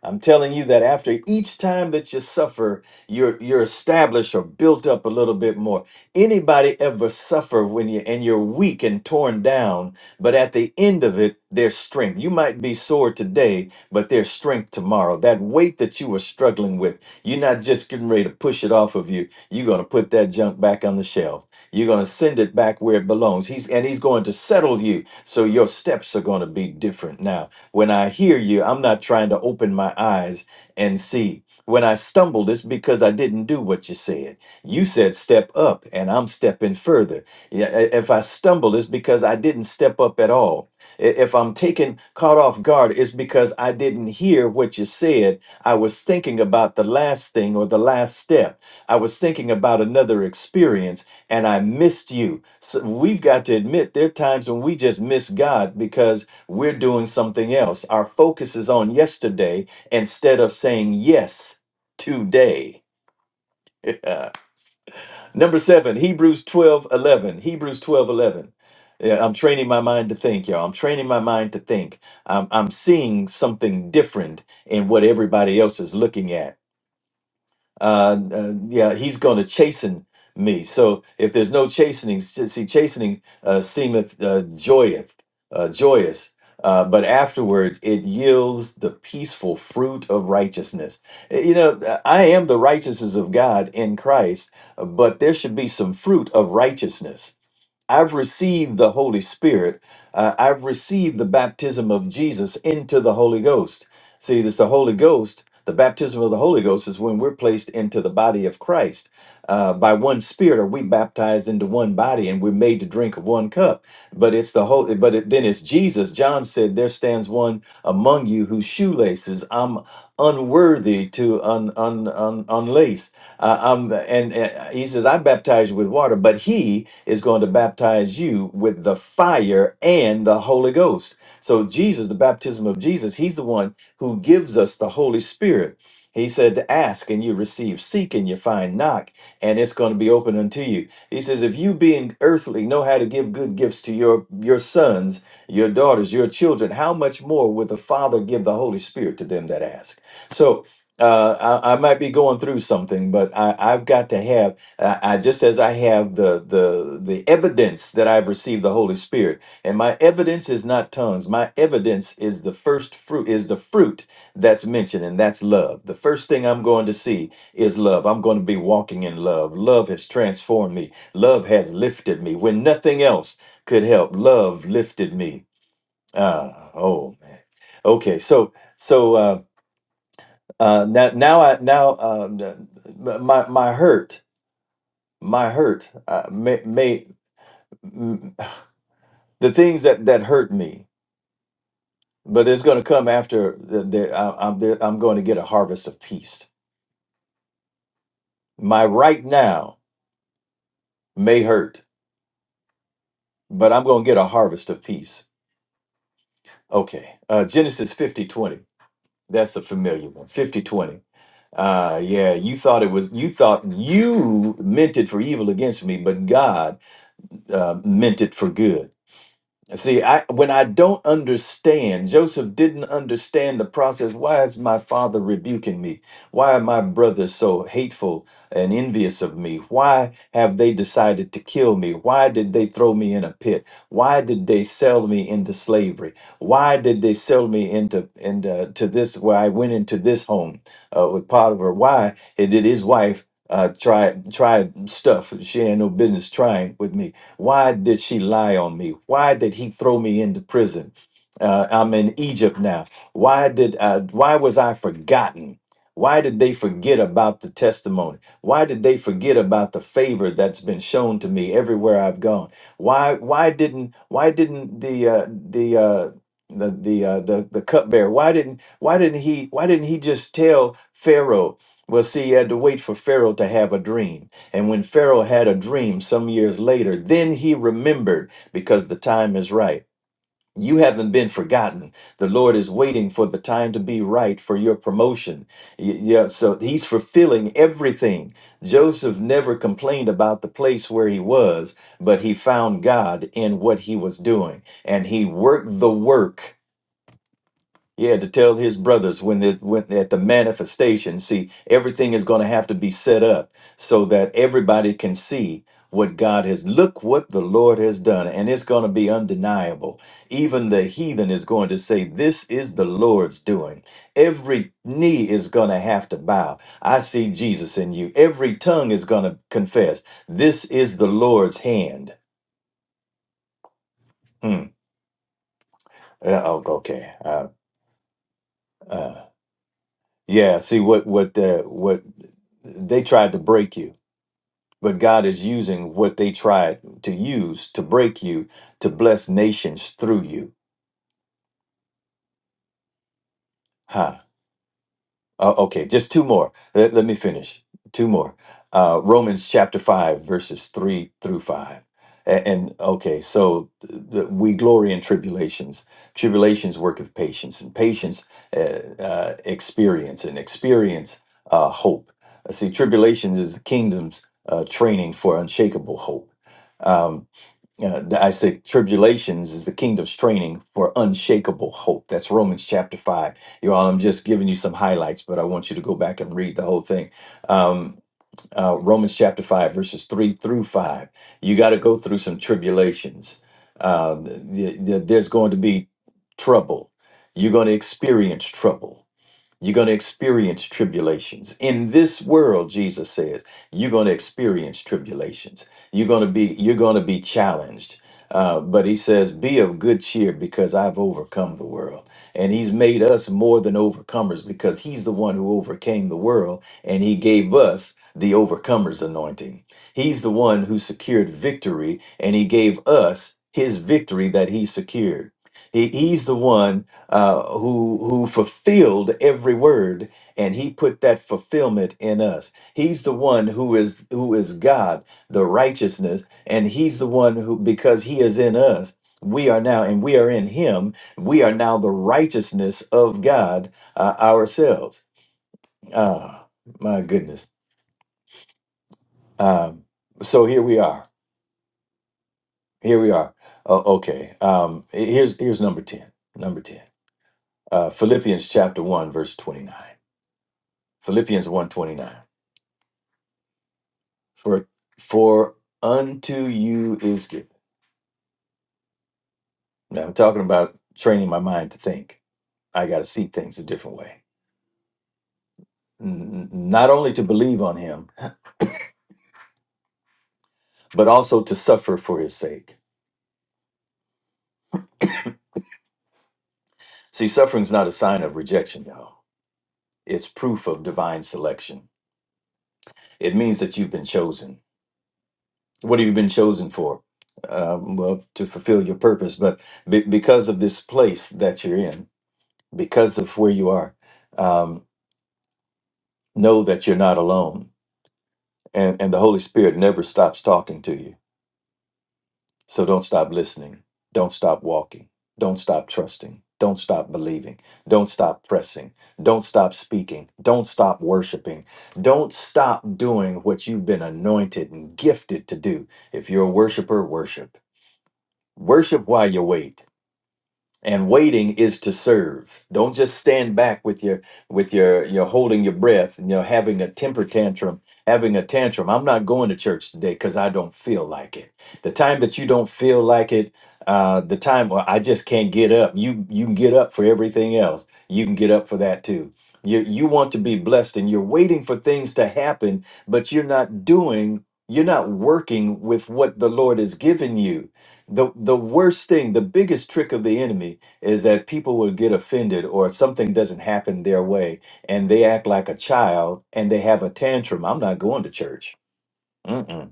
I'm telling you that after each time that you suffer, you're you're established or built up a little bit more. Anybody ever suffer when you and you're weak and torn down, but at the end of it, there's strength. You might be sore today, but there's strength tomorrow. That weight that you were struggling with, you're not just getting ready to push it off of you. You're gonna put that junk back on the shelf. You're going to send it back where it belongs. He's and he's going to settle you. So your steps are going to be different now. When I hear you, I'm not trying to open my eyes and see. When I stumbled, it's because I didn't do what you said. You said step up, and I'm stepping further. Yeah, i- If I stumbled, it's because I didn't step up at all. I- If I'm taken caught off guard, it's because I didn't hear what you said. I was thinking about the last thing or the last step. I was thinking about another experience and I missed you. So we've got to admit there are times when we just miss God because we're doing something else. Our focus is on yesterday instead of saying yes today. Uh, Number seven, Hebrews 12 11. Hebrews twelve eleven. Yeah, I'm training my mind to think, y'all. I'm training my mind to think. I'm, I'm seeing something different in what everybody else is looking at uh, uh, yeah, he's going to chasten me. So if there's no chastening, s- see, chastening uh, seemeth uh, joyeth, uh, joyous, uh, but afterward it yields the peaceful fruit of righteousness. Eh, You know, th- I am the righteousness of God in Christ, uh, but there should be some fruit of righteousness I've received the Holy Spirit. Uh, I've received the baptism of Jesus into the Holy Ghost. See, this the Holy Ghost. The baptism of the Holy Ghost is when we're placed into the body of Christ. Uh, by one Spirit are we baptized into one body, and we're made to drink of one cup. But it's the Holy. But it, then it's Jesus. John said, "There stands one among you whose shoelaces I'm unworthy to un, un, un, unlace." Uh, um, and, and he says, I baptize you with water, but he is going to baptize you with the fire and the Holy Ghost. So, Jesus, the baptism of Jesus, he's the one who gives us the Holy Spirit. He said to ask and you receive, seek and you find, knock, and it's going to be open unto you. He says, if you being earthly know how to give good gifts to your your sons, your daughters, your children, how much more will the Father give the Holy Spirit to them that ask? So uh, I, I might be going through something, but I, I've got to have, uh, I, just as I have the, the, the evidence that I've received the Holy Spirit, and my evidence is not tongues. My evidence is the first fruit, is the fruit that's mentioned, and that's love. The first thing I'm going to see is love. I'm going to be walking in love. Love has transformed me. Love has lifted me when nothing else could help. Love lifted me. Ah, oh man. Okay, so so. Uh, uh, now, now I now um, the- my my hurt, my hurt, uh, may, may m- the things that that hurt me, but it's going to come after the, the, I, I'm there, I'm going to get a harvest of peace. My right now may hurt, but I'm going to get a harvest of peace. Okay, uh, Genesis fifty twenty. That's a familiar one. Fifty twenty. Uh, yeah, you thought it was you thought you meant it for evil against me, but God uh, meant it for good. See, I when I don't understand, Joseph didn't understand the process. Why is my father rebuking me? Why are my brothers so hateful and envious of me? Why have they decided to kill me? Why did they throw me in a pit? Why did they sell me into slavery? Why did they sell me into into to this where I went into this home uh, with Potiphar? Why did his wife uh, try try stuff she had no business trying with me? Why did she lie on me? Why did he throw me into prison? Uh, I'm in Egypt now. Why did I, why was I forgotten? Why did they forget about the testimony? Why did they forget about the favor that's been shown to me everywhere I've gone? Why why didn't why didn't the uh, the uh, the the uh, the the cupbearer why didn't why didn't he why didn't he just tell Pharaoh? Well, see, he had to wait for Pharaoh to have a dream. And when Pharaoh had a dream some years later, then he remembered because the time is right. You haven't been forgotten. The Lord is waiting for the time to be right for your promotion. Y- Yeah, so he's fulfilling everything. Joseph never complained about the place where he was, but he found God in what he was doing and he worked the work yeah, to tell his brothers when they when at the manifestation. See, everything is going to have to be set up so that everybody can see what God has. Look what the Lord has done, and it's going to be undeniable. Even the heathen is going to say, "This is the Lord's doing." Every knee is going to have to bow. I see Jesus in you. Every tongue is going to confess, "This is the Lord's hand." Hmm. Uh, oh, okay. Uh, uh. Yeah, see what what uh, what they tried to break you, but God is using what they tried to use to break you to bless nations through you. Huh. Oh, okay, just two more. Let, let me finish. Two more. Uh, Romans chapter 5, verses 3 through 5. And, and okay, so th- th- we glory in tribulations. Tribulations worketh patience, and patience uh, uh, experience, and experience uh, hope. Uh, See, tribulations is the kingdom's uh, training for unshakable hope. Um, uh, the- I said tribulations is the kingdom's training for unshakable hope. That's Romans chapter five. You all, I'm just giving you some highlights, but I want you to go back and read the whole thing. Um, uh, Romans chapter five, verses three through five. You got to go through some tribulations. Uh, th- th- there's going to be trouble. You're going to experience trouble you're going to experience tribulations. In this world, Jesus says, you're going to experience tribulations. You're going to be you're going to be challenged. Uh, but he says, be of good cheer because I've overcome the world. And he's made us more than overcomers because he's the one who overcame the world and he gave us the overcomers anointing. He's the one who secured victory and he gave us his victory that he secured. He, he's the one uh, who who fulfilled every word and he put that fulfillment in us he's the one who is who is god the righteousness and he's the one who because he is in us we are now and we are in him we are now the righteousness of god uh, ourselves ah my goodness um so here we are here we are O- okay um here's here's number 10 number 10 uh philippians chapter 1 verse 29 Philippians 129. For for unto you is given. Now I'm talking about training my mind to think. I got to see things a different way. N- n- Not only to believe on him, but also to suffer for his sake. See, suffering's not a sign of rejection, y'all. It's proof of divine selection. It means that you've been chosen. What have you been chosen for? Um, well, to fulfill your purpose, but be- because of this place that you're in, because of where you are, um, know that you're not alone and and the holy spirit never stops talking to you so don't stop listening don't stop walking don't stop trusting don't stop believing don't stop pressing don't stop speaking don't stop worshiping don't stop doing what you've been anointed and gifted to do if you're a worshiper worship worship while you wait and waiting is to serve don't just stand back with your with your you're holding your breath and you're having a temper tantrum having a tantrum i'm not going to church today because i don't feel like it the time that you don't feel like it uh the time well, i just can't get up you you can get up for everything else you can get up for that too you you want to be blessed and you're waiting for things to happen but you're not doing you're not working with what the lord has given you the the worst thing the biggest trick of the enemy is that people will get offended or something doesn't happen their way and they act like a child and they have a tantrum i'm not going to church Mm-mm.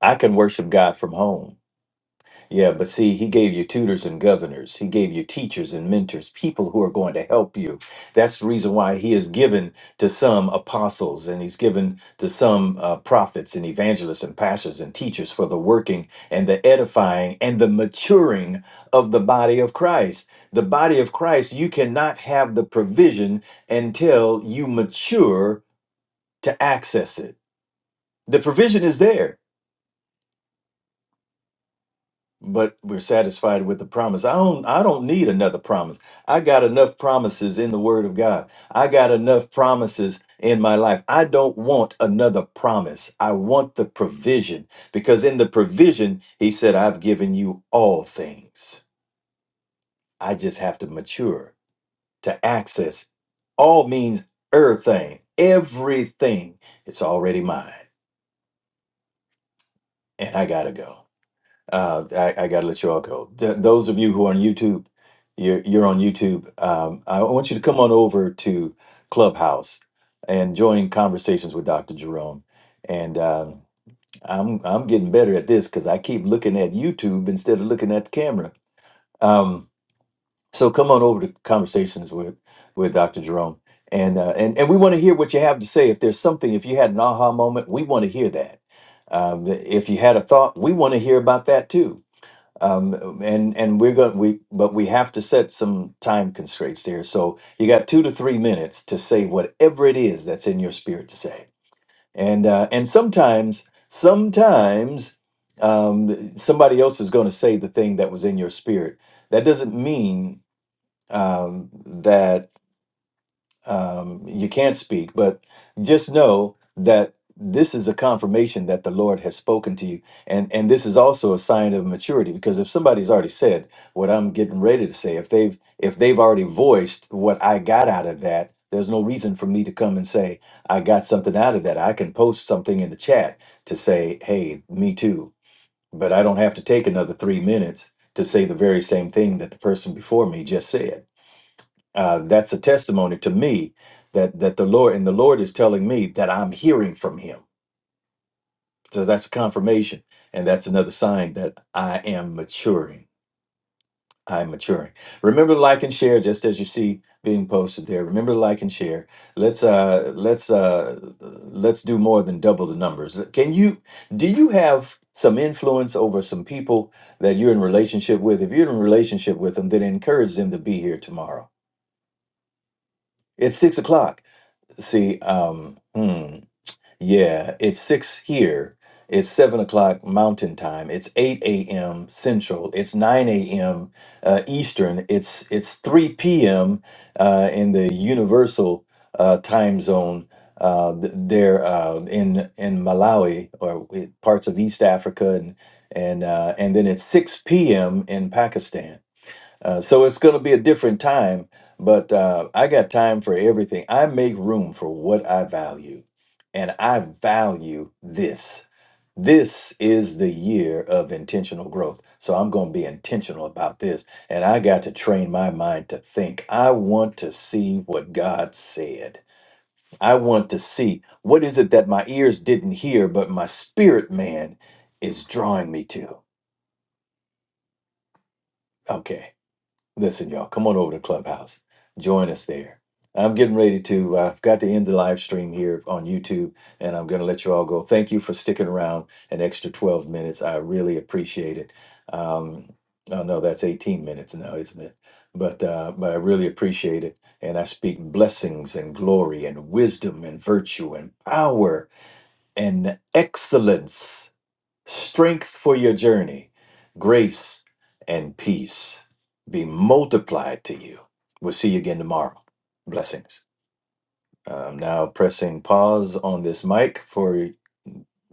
i can worship god from home yeah, but see, he gave you tutors and governors. He gave you teachers and mentors, people who are going to help you. That's the reason why he has given to some apostles and he's given to some uh, prophets and evangelists and pastors and teachers for the working and the edifying and the maturing of the body of Christ. The body of Christ, you cannot have the provision until you mature to access it. The provision is there but we're satisfied with the promise. I don't I don't need another promise. I got enough promises in the word of God. I got enough promises in my life. I don't want another promise. I want the provision because in the provision he said I've given you all things. I just have to mature to access all means everything. Everything it's already mine and I got to go. Uh, I, I got to let you all go. Th- those of you who are on YouTube, you're, you're on YouTube. Um, I want you to come on over to Clubhouse and join conversations with Dr. Jerome. And um I'm I'm getting better at this because I keep looking at YouTube instead of looking at the camera. Um, so come on over to conversations with with Dr. Jerome. And, uh, and and we want to hear what you have to say. If there's something, if you had an aha moment, we want to hear that. Um, if you had a thought, we want to hear about that too um, and and we're going we but we have to set some time constraints here. So you got two to three minutes to say whatever it is that's in your spirit to say, and uh, and sometimes sometimes um, somebody else is going to say the thing that was in your spirit. That doesn't mean um, that um, you can't speak, but just know that this is a confirmation that the Lord has spoken to you, and and this is also a sign of maturity because if somebody's already said what I'm getting ready to say, if they've if they've already voiced what I got out of that, there's no reason for me to come and say I got something out of that. I can post something in the chat to say, hey, me too, but I don't have to take another three minutes to say the very same thing that the person before me just said uh, that's a testimony to me that that the Lord and the Lord is telling me that I'm hearing from Him. So that's a confirmation, and that's another sign that I am maturing. I'm maturing. Remember to like and share, just as you see being posted there. Remember to like and share. Let's uh let's uh let's do more than double the numbers. Can you do you have some influence over some people that you're in relationship with? If you're in relationship with them, then encourage them to be here tomorrow. It's six o'clock. See, um, hmm, yeah, it's six here. It's seven o'clock Mountain Time. It's eight a.m. Central. It's nine a.m. Uh, Eastern. It's it's three p.m. Uh, in the Universal uh, Time Zone. Uh, th- there uh, in in Malawi or i- parts of East Africa and and uh, and then it's six p.m. in Pakistan. Uh, so it's going to be a different time, but uh, I got time for everything. I make room for what I value, and I value this. This is the year of intentional growth. So I'm going to be intentional about this, and I got to train my mind to think. I want to see what God said. I want to see what is it that my ears didn't hear, but my spirit man is drawing me to. Okay. Listen, y'all, come on over to Clubhouse. Join us there. I'm getting ready to, uh, I've got to end the live stream here on YouTube, and I'm going to let you all go. Thank you for sticking around an extra 12 minutes. I really appreciate it. Um, oh, no, that's 18 minutes now, isn't it? But, uh, but I really appreciate it. And I speak blessings and glory and wisdom and virtue and power and excellence strength for your journey, grace and peace be multiplied to you. We'll see you again tomorrow. Blessings. I'm now pressing pause on this mic for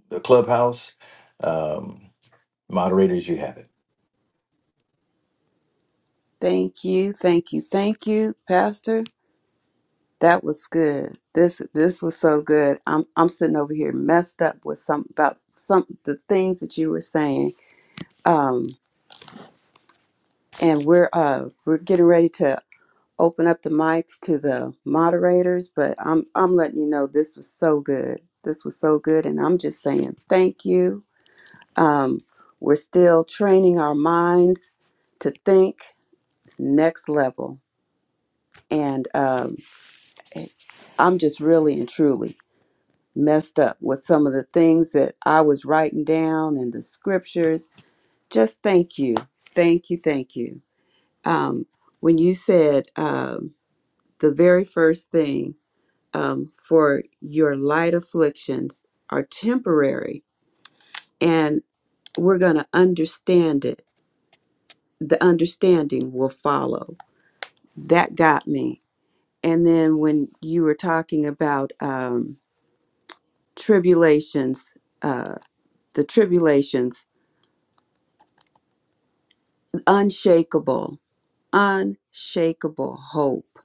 the clubhouse. Um, moderators, you have it. Thank you, thank you, thank you, Pastor. That was good. This this was so good. I'm I'm sitting over here messed up with some about some the things that you were saying. Um, and we're uh we're getting ready to open up the mics to the moderators, but I'm I'm letting you know this was so good. This was so good, and I'm just saying thank you Um, we're still training our minds to think next level. And um, eh, I'm just really and truly messed up with some of the things that I was writing down and the scriptures. Just thank you. Thank you. Thank you. Um, when you said um, the very first thing um, for your light afflictions are temporary and we're going to understand it, the understanding will follow that got me. And then when you were talking about um, tribulations, uh, the tribulations, unshakable, unshakable hope,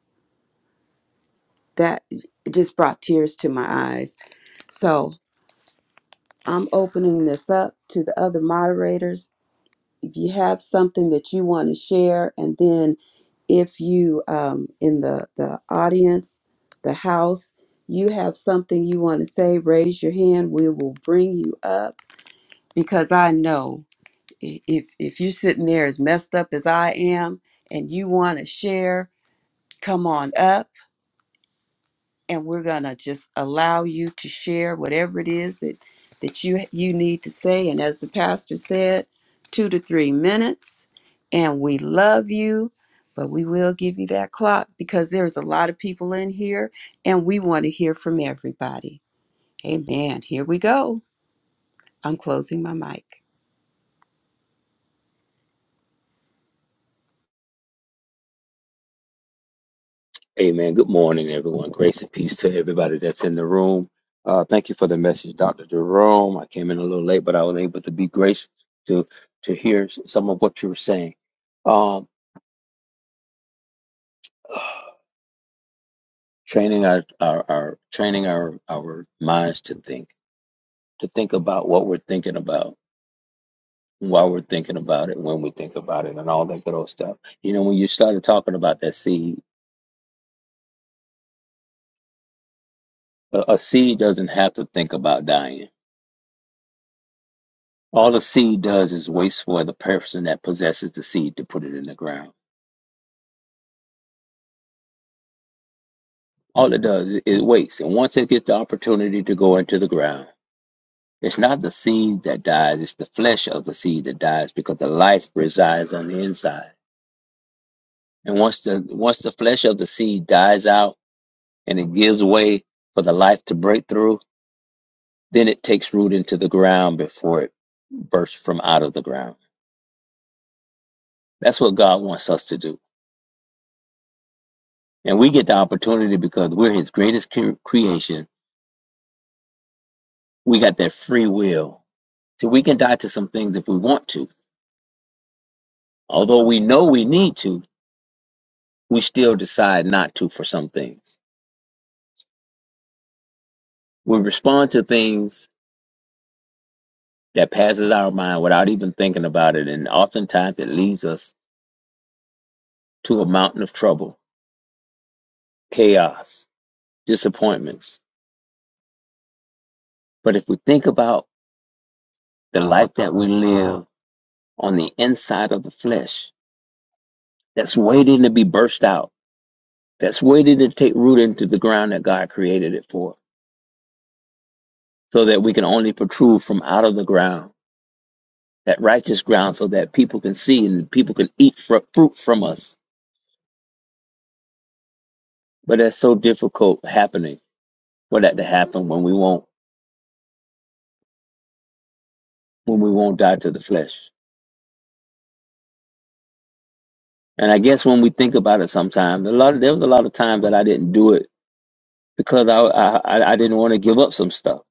that it just brought tears to my eyes. So I'm opening this up to the other moderators if you have something that you want to share, and then if you um, in the the audience, the house, you have something you want to say, raise your hand. We will bring you up because I know i- if if you're sitting there as messed up as I am, and you want to share, come on up and we're going to just allow you to share whatever it is that that you you need to say and as the pastor said 2 to 3 minutes and we love you but we will give you that clock because there's a lot of people in here and we want to hear from everybody amen here we go i'm closing my mic Amen. Good morning, everyone. Grace and peace to everybody that's in the room. Uh, thank you for the message, Dr. Jerome. I came in a little late, but I was able to be gracious to to hear some of what you were saying. Um, training our, our, our training our, our minds to think, to think about what we're thinking about, why we're thinking about it, when we think about it, and all that good old stuff. You know, when you started talking about that seed, a, a seed doesn't have to think about dying All the seed does is waits for the person that possesses the seed to put it in the ground. All it does is waits, and once it gets the opportunity to go into the ground, it's not the seed that dies; it's the flesh of the seed that dies because the life resides on the inside. And once the once the flesh of the seed dies out and it gives way for the life to break through, then it takes root into the ground before it bursts from out of the ground. That's what God wants us to do, and we get the opportunity because we're His greatest cre- creation we got that free will. So we can die to some things if we want to. Although we know we need to, we still decide not to for some things. We respond to things that passes our mind without even thinking about it, and oftentimes it leads us to a mountain of trouble, chaos, disappointments. But if we think about the life that we live on the inside of the flesh, that's waiting to be burst out, that's waiting to take root into the ground that God created it for so that we can only protrude from out of the ground, that righteous ground, so that people can see and people can eat fr- fruit from us. But that's so difficult happening for that to happen when we won't when we won't die to the flesh. And I guess when we think about it, sometimes a lot of, there was a lot of times that I didn't do it because I I, I didn't want to give up some stuff.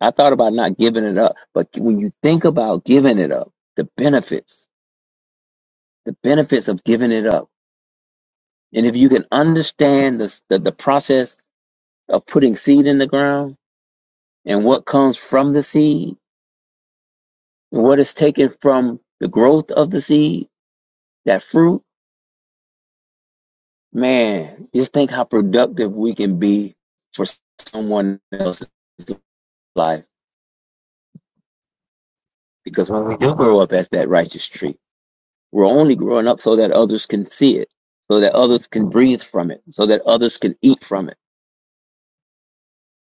I thought about not giving it up, but when you think about giving it up, the benefits, the benefits of giving it up, and if you can understand the the, the process of putting seed in the ground and what comes from the seed, what is taken from the growth of the seed, that fruit, man, just think how productive we can be for someone else's life. Because when we do grow up as that righteous tree, we're only growing up so that others can see it, so that others can breathe from it, so that others can eat from it,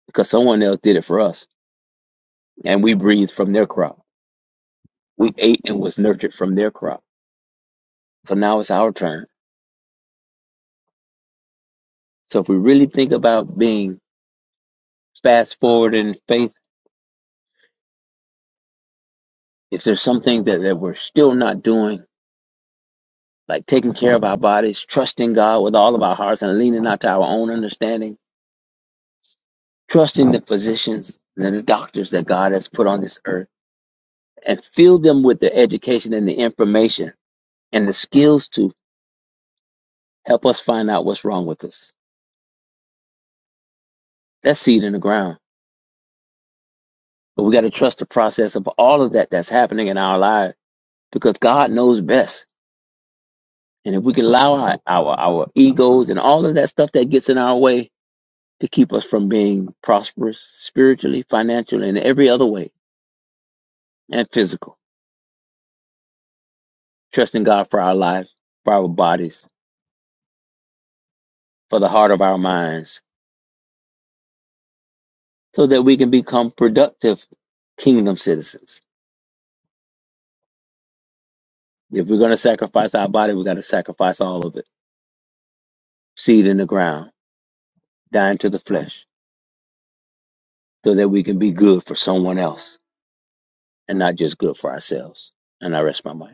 because someone else did it for us and we breathed from their crop. We ate and was nurtured from their crop. So now it's our turn So if we really think about being fast forward in faith, if there's something that, that we're still not doing, like taking care of our bodies, trusting God with all of our hearts and leaning not to our own understanding, trusting the physicians and the doctors that God has put on this earth and fill them with the education and the information and the skills to help us find out what's wrong with us. That's seed in the ground. But we got to trust the process of all of that that's happening in our lives because God knows best. And if we can allow our, our, our egos and all of that stuff that gets in our way to keep us from being prosperous spiritually, financially, and every other way, and physical, trusting God for our lives, for our bodies, for the heart of our minds, so that we can become productive kingdom citizens. If we're going to sacrifice our body, we got to sacrifice all of it seed in the ground, dying to the flesh, so that we can be good for someone else and not just good for ourselves. And I rest my mind.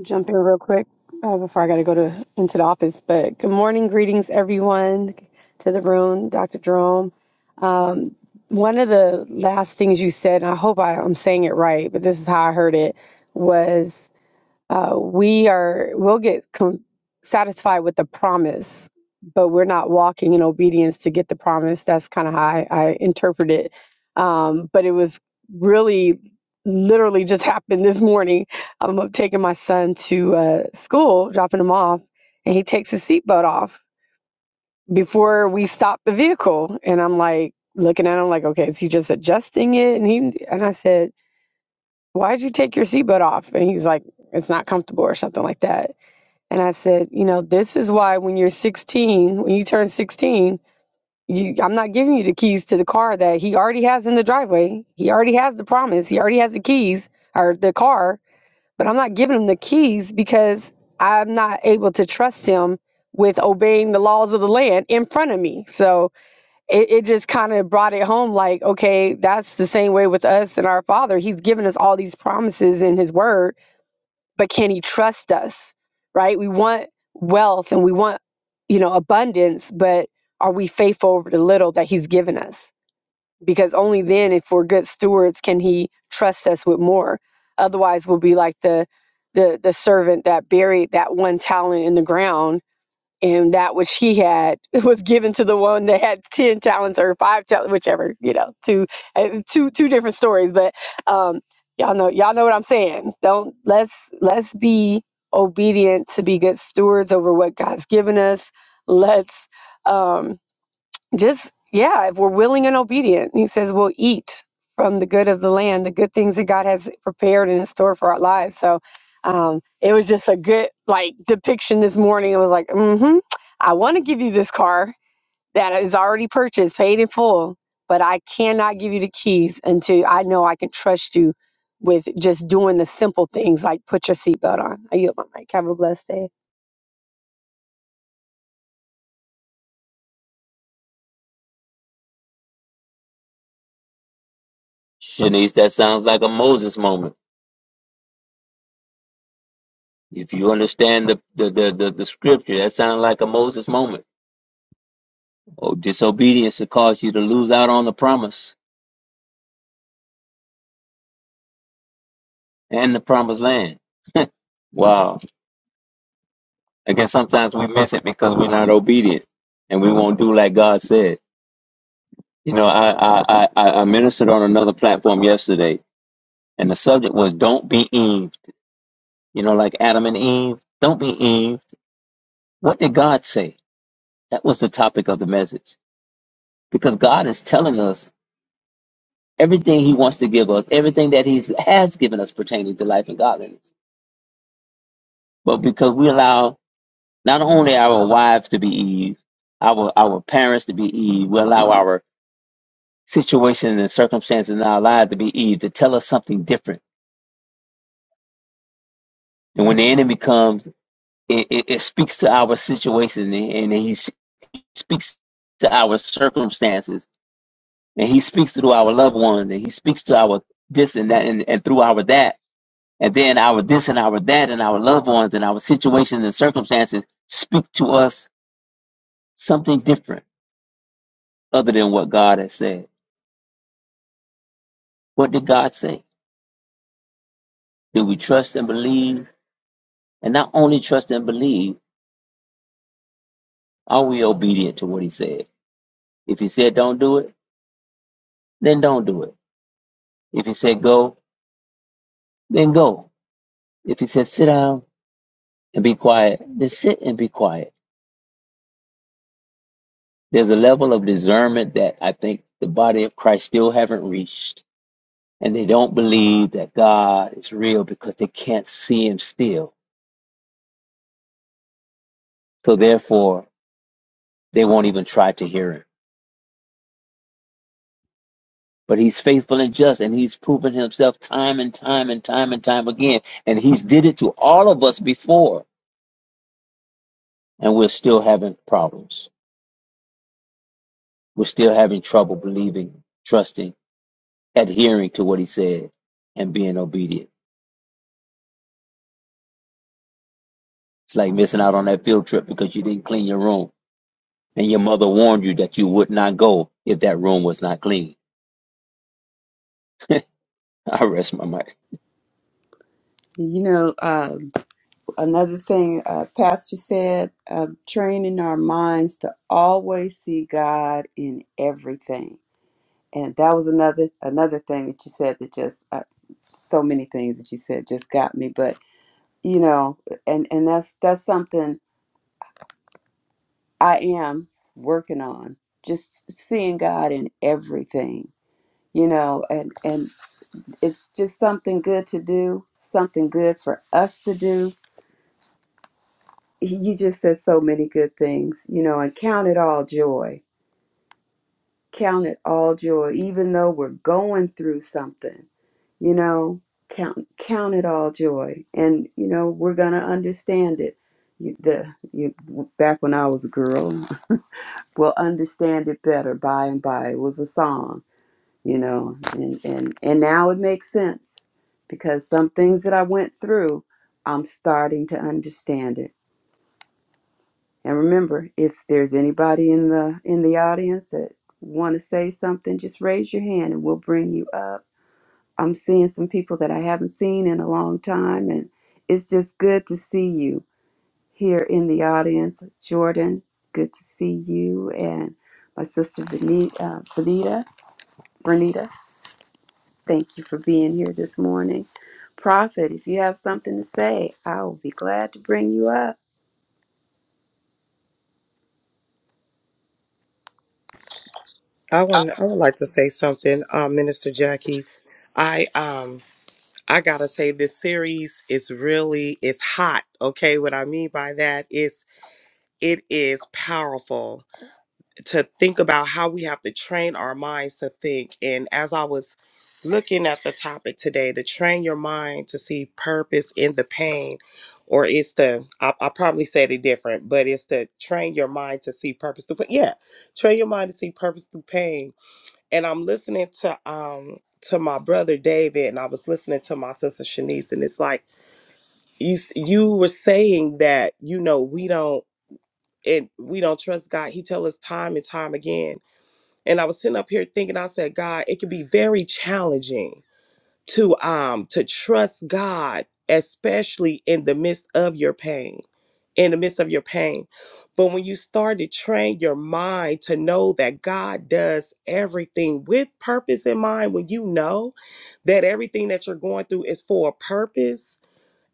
jump in real quick uh, before I got to go to into the office. But good morning, greetings everyone to the room, Dr. Jerome. Um, one of the last things you said, and I hope I, I'm saying it right, but this is how I heard it, was uh, we are we'll get com- satisfied with the promise but we're not walking in obedience to get the promise that's kind of how I, I interpret it um, but it was really literally just happened this morning i'm up taking my son to uh, school dropping him off and he takes his seatbelt off before we stop the vehicle and i'm like looking at him like okay is he just adjusting it and he and i said why'd you take your seatbelt off and he was like it's not comfortable or something like that and I said, you know, this is why when you're 16, when you turn 16, you, I'm not giving you the keys to the car that he already has in the driveway. He already has the promise. He already has the keys or the car, but I'm not giving him the keys because I'm not able to trust him with obeying the laws of the land in front of me. So it, it just kind of brought it home like, okay, that's the same way with us and our father. He's given us all these promises in his word but can he trust us right we want wealth and we want you know abundance but are we faithful over the little that he's given us because only then if we're good stewards can he trust us with more otherwise we'll be like the the the servant that buried that one talent in the ground and that which he had was given to the one that had 10 talents or five talents whichever you know two uh, two two different stories but um y'all know y'all know what i'm saying don't let's let's be obedient to be good stewards over what god's given us let's um just yeah if we're willing and obedient he says we'll eat from the good of the land the good things that god has prepared and in store for our lives so um, it was just a good like depiction this morning it was like mm-hmm i want to give you this car that is already purchased paid in full but i cannot give you the keys until i know i can trust you with just doing the simple things like put your seatbelt on i yield my mic have a blessed day Shanice, that sounds like a Moses moment. If you understand the the, the, the, the scripture, that sounds like a Moses moment. Oh, disobedience will cause you to lose out on the promise and the promised land. Wow. I guess sometimes we miss it because we're not obedient and we won't do like God said. You know, I, I, I, I I ministered on another platform yesterday and the subject was don't be Eve. You know, like Adam and Eve. Don't be Eve. What did God say? That was the topic of the message because God is telling us everything he wants to give us, everything that he has given us pertaining to life and godliness. But because we allow not only our wives to be Eve, our our parents to be Eve, we allow our situations and circumstances in our lives to be Eve to tell us something different. And when the enemy comes, it, it, it speaks to our situation and he s- speaks to our circumstances and he speaks to our loved ones and he speaks to our this and that and, and through our that And then our this and our that and our loved ones and our situations and circumstances speak to us something different other than what God has said. What did God say? Do we trust and believe? And not only trust and believe, are we obedient to what He said? If He said don't do it, then don't do it. If He said go, then go. If He said sit down and be quiet, then sit and be quiet. There's a level of discernment that I think the body of Christ still haven't reached and they don't believe that God is real because they can't see him still. So therefore, they won't even try to hear him. But he's faithful and just and he's proven himself time and time and time and time again. And he's did it to all of us before. And we're still having problems. We're still having trouble believing, trusting, adhering to what he said and being obedient. It's like missing out on that field trip because you didn't clean your room and your mother warned you that you would not go if that room was not clean. I rest my mic. you know uh, another thing uh, pastor said uh, training our minds to always see god in everything and that was another another thing that you said that just uh, so many things that you said just got me but you know and and that's that's something i am working on just seeing god in everything you know and and it's just something good to do something good for us to do you just said so many good things you know and count it all joy Count it all joy, even though we're going through something. You know, count count it all joy, and you know we're gonna understand it. You, the you back when I was a girl, we'll understand it better by and by. It was a song, you know, and and and now it makes sense because some things that I went through, I'm starting to understand it. And remember, if there's anybody in the in the audience that want to say something, just raise your hand and we'll bring you up. I'm seeing some people that I haven't seen in a long time and it's just good to see you here in the audience. Jordan, it's good to see you and my sister Benita, uh, Benita, Bernita, thank you for being here this morning. Prophet, if you have something to say, I will be glad to bring you up. I want. I would like to say something, um, Minister Jackie. I um I gotta say this series is really it's hot. Okay, what I mean by that is it is powerful to think about how we have to train our minds to think. And as I was looking at the topic today, to train your mind to see purpose in the pain, or it's the I, I probably said it different, but it's to train your mind to see purpose through. Yeah, train your mind to see purpose through pain and I'm listening to um to my brother David, and I was listening to my sister Shanice, and it's like you s- you were saying that you know we don't and we don't trust God. He tell us time and time again, and I was sitting up here thinking, I said, God, it can be very challenging to um to trust God, especially in the midst of your pain in the midst of your pain. But when you start to train your mind to know that God does everything with purpose in mind, when you know that everything that you're going through is for a purpose,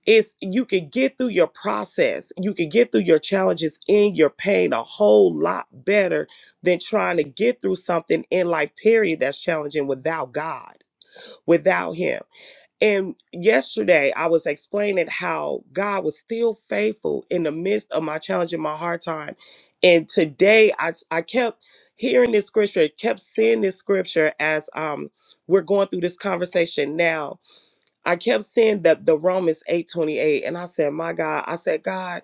it's you can get through your process, you can get through your challenges in your pain a whole lot better than trying to get through something in life, period, that's challenging without God, without Him. And yesterday I was explaining how God was still faithful in the midst of my challenge and my hard time. And today I, s- I kept hearing this scripture, kept seeing this scripture as um, we're going through this conversation now I kept seeing that the Romans 8:28 and I said, "My God, I said, God,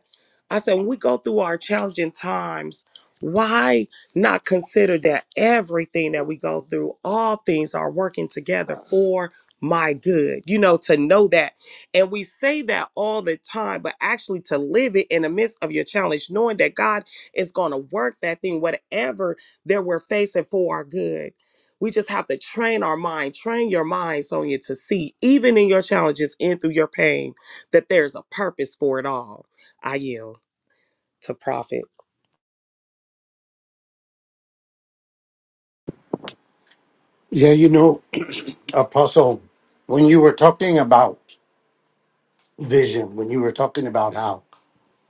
I said when we go through our challenging times, why not consider that everything that we go through, all things are working together for my good. You know, to know that. And we say that all the time, but actually to live it in the midst of your challenge, knowing that God is going to work that thing, whatever that we're facing for our good we just have to train our mind, train your mind, Sonia, to see, even in your challenges and through your pain, that there's a purpose for it all. I yield to Prophet. Yeah, you know, Apostle, when you were talking about vision, when you were talking about how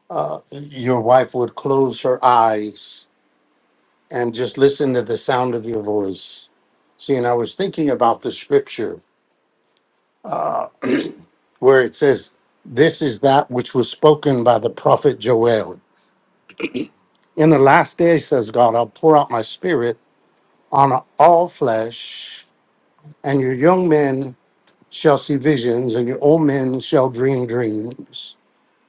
uh, your wife would close her eyes and just listen to the sound of your voice. See, and I was thinking about the scripture where it says, This is that which was spoken by the prophet Joel. In the last days, says God, I'll pour out my spirit on all flesh, and your young men shall see visions, and your old men shall dream dreams.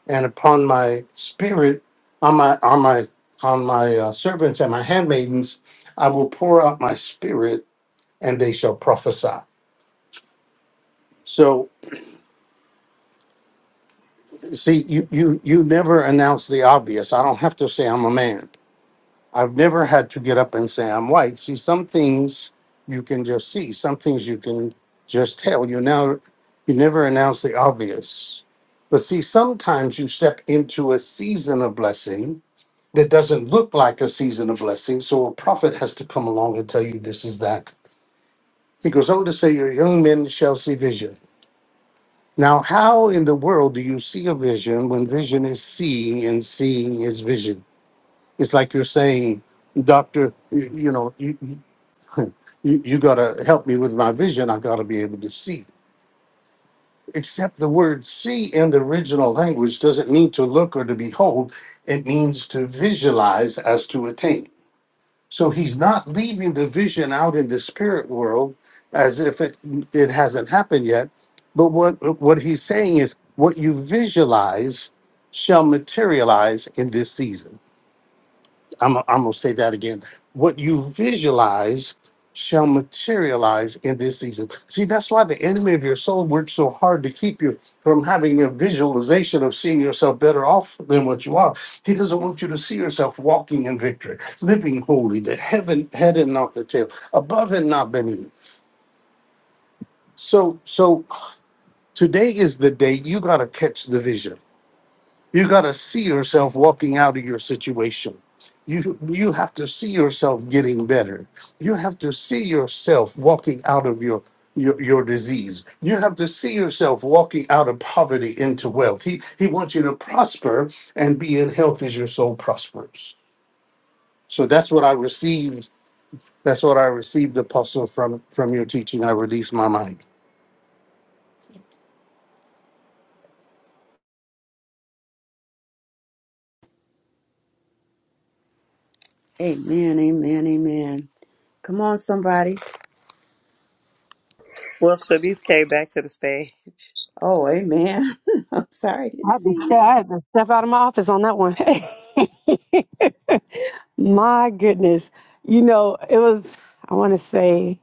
and upon my spirit, on my on my on my uh, servants and my handmaidens, I will pour out my spirit, and they shall prophesy. So, see, you you you never announce the obvious. I don't have to say I'm a man. I've never had to get up and say I'm white. See, some things you can just see. Some things you can just tell. You now you never announce the obvious. But see, sometimes you step into a season of blessing that doesn't look like a season of blessing. So a prophet has to come along and tell you this is that. He goes on to say, Your young men shall see vision. Now, how in the world do you see a vision when vision is seeing and seeing is vision? It's like you're saying, Doctor, you, you know, you, you, you got to help me with my vision. I got to be able to see. Except the word see in the original language doesn't mean to look or to behold, it means to visualize as to attain. So he's not leaving the vision out in the spirit world as if it it hasn't happened yet. But what what he's saying is what you visualize shall materialize in this season. I'm, I'm going to say that again. What you visualize shall materialize in this season. See, that's why the enemy of your soul works so hard to keep you from having a visualization of seeing yourself better off than what you are. He doesn't want you to see yourself walking in victory, living holy, the heaven head and not the tail, above and not beneath. So, so today is the day you got to catch the vision. You got to see yourself walking out of your situation. You you have to see yourself getting better. You have to see yourself walking out of your your, your disease. You have to see yourself walking out of poverty into wealth. He he wants you to prosper and be in health as your soul prospers. So that's what I received. That's what I received, Apostle, from from your teaching. I released my mind. Amen, amen, amen. Come on, somebody. Well, Shanice came back to the stage. Oh, amen. I'm sorry, I i didn't had see. to you. step, I had to step out of my office on that one My goodness. You know, it was, I want to say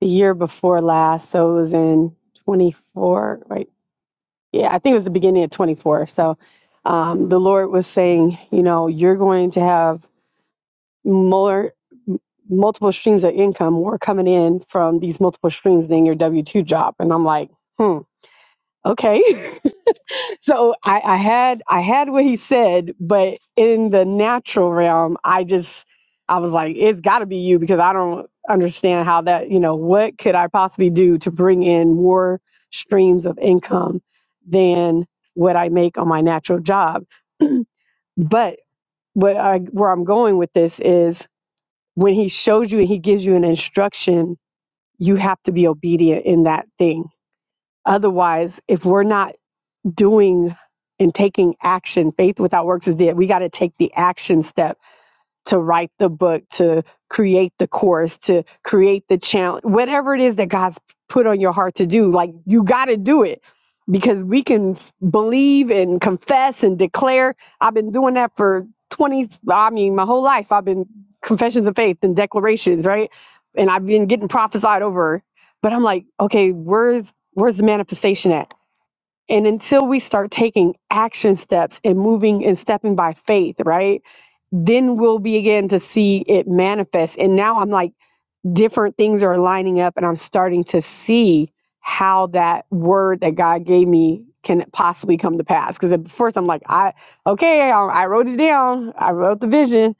the year before last. So it was in 24, right? Yeah, I think it was the beginning of 24. So um, the Lord was saying, you know, you're going to have more, multiple streams of income, more coming in from these multiple streams than your W 2 job. And I'm like, hmm, okay. So I, I had I had what he said, but in the natural realm, I just I was like, it's got to be you because I don't understand how that you know what could I possibly do to bring in more streams of income than what I make on my natural job. But what I where I'm going with this is when he shows you and he gives you an instruction, you have to be obedient in that thing. Otherwise, if we're not doing and taking action. Faith without works is dead. We got to take the action step to write the book, to create the course, to create the challenge, whatever it is that God's put on your heart to do. Like you got to do it because we can s- believe and confess and declare. I've been doing that for 20, I mean, my whole life. I've been confessions of faith and declarations, right? And I've been getting prophesied over. But I'm like, okay, where's where's the manifestation at? And until we start taking action steps and moving and stepping by faith, right? Then we'll begin to see it manifest. And now I'm like, different things are lining up, and I'm starting to see how that word that God gave me can possibly come to pass. Because at first I'm like, I, okay, I, I wrote it down, I wrote the vision,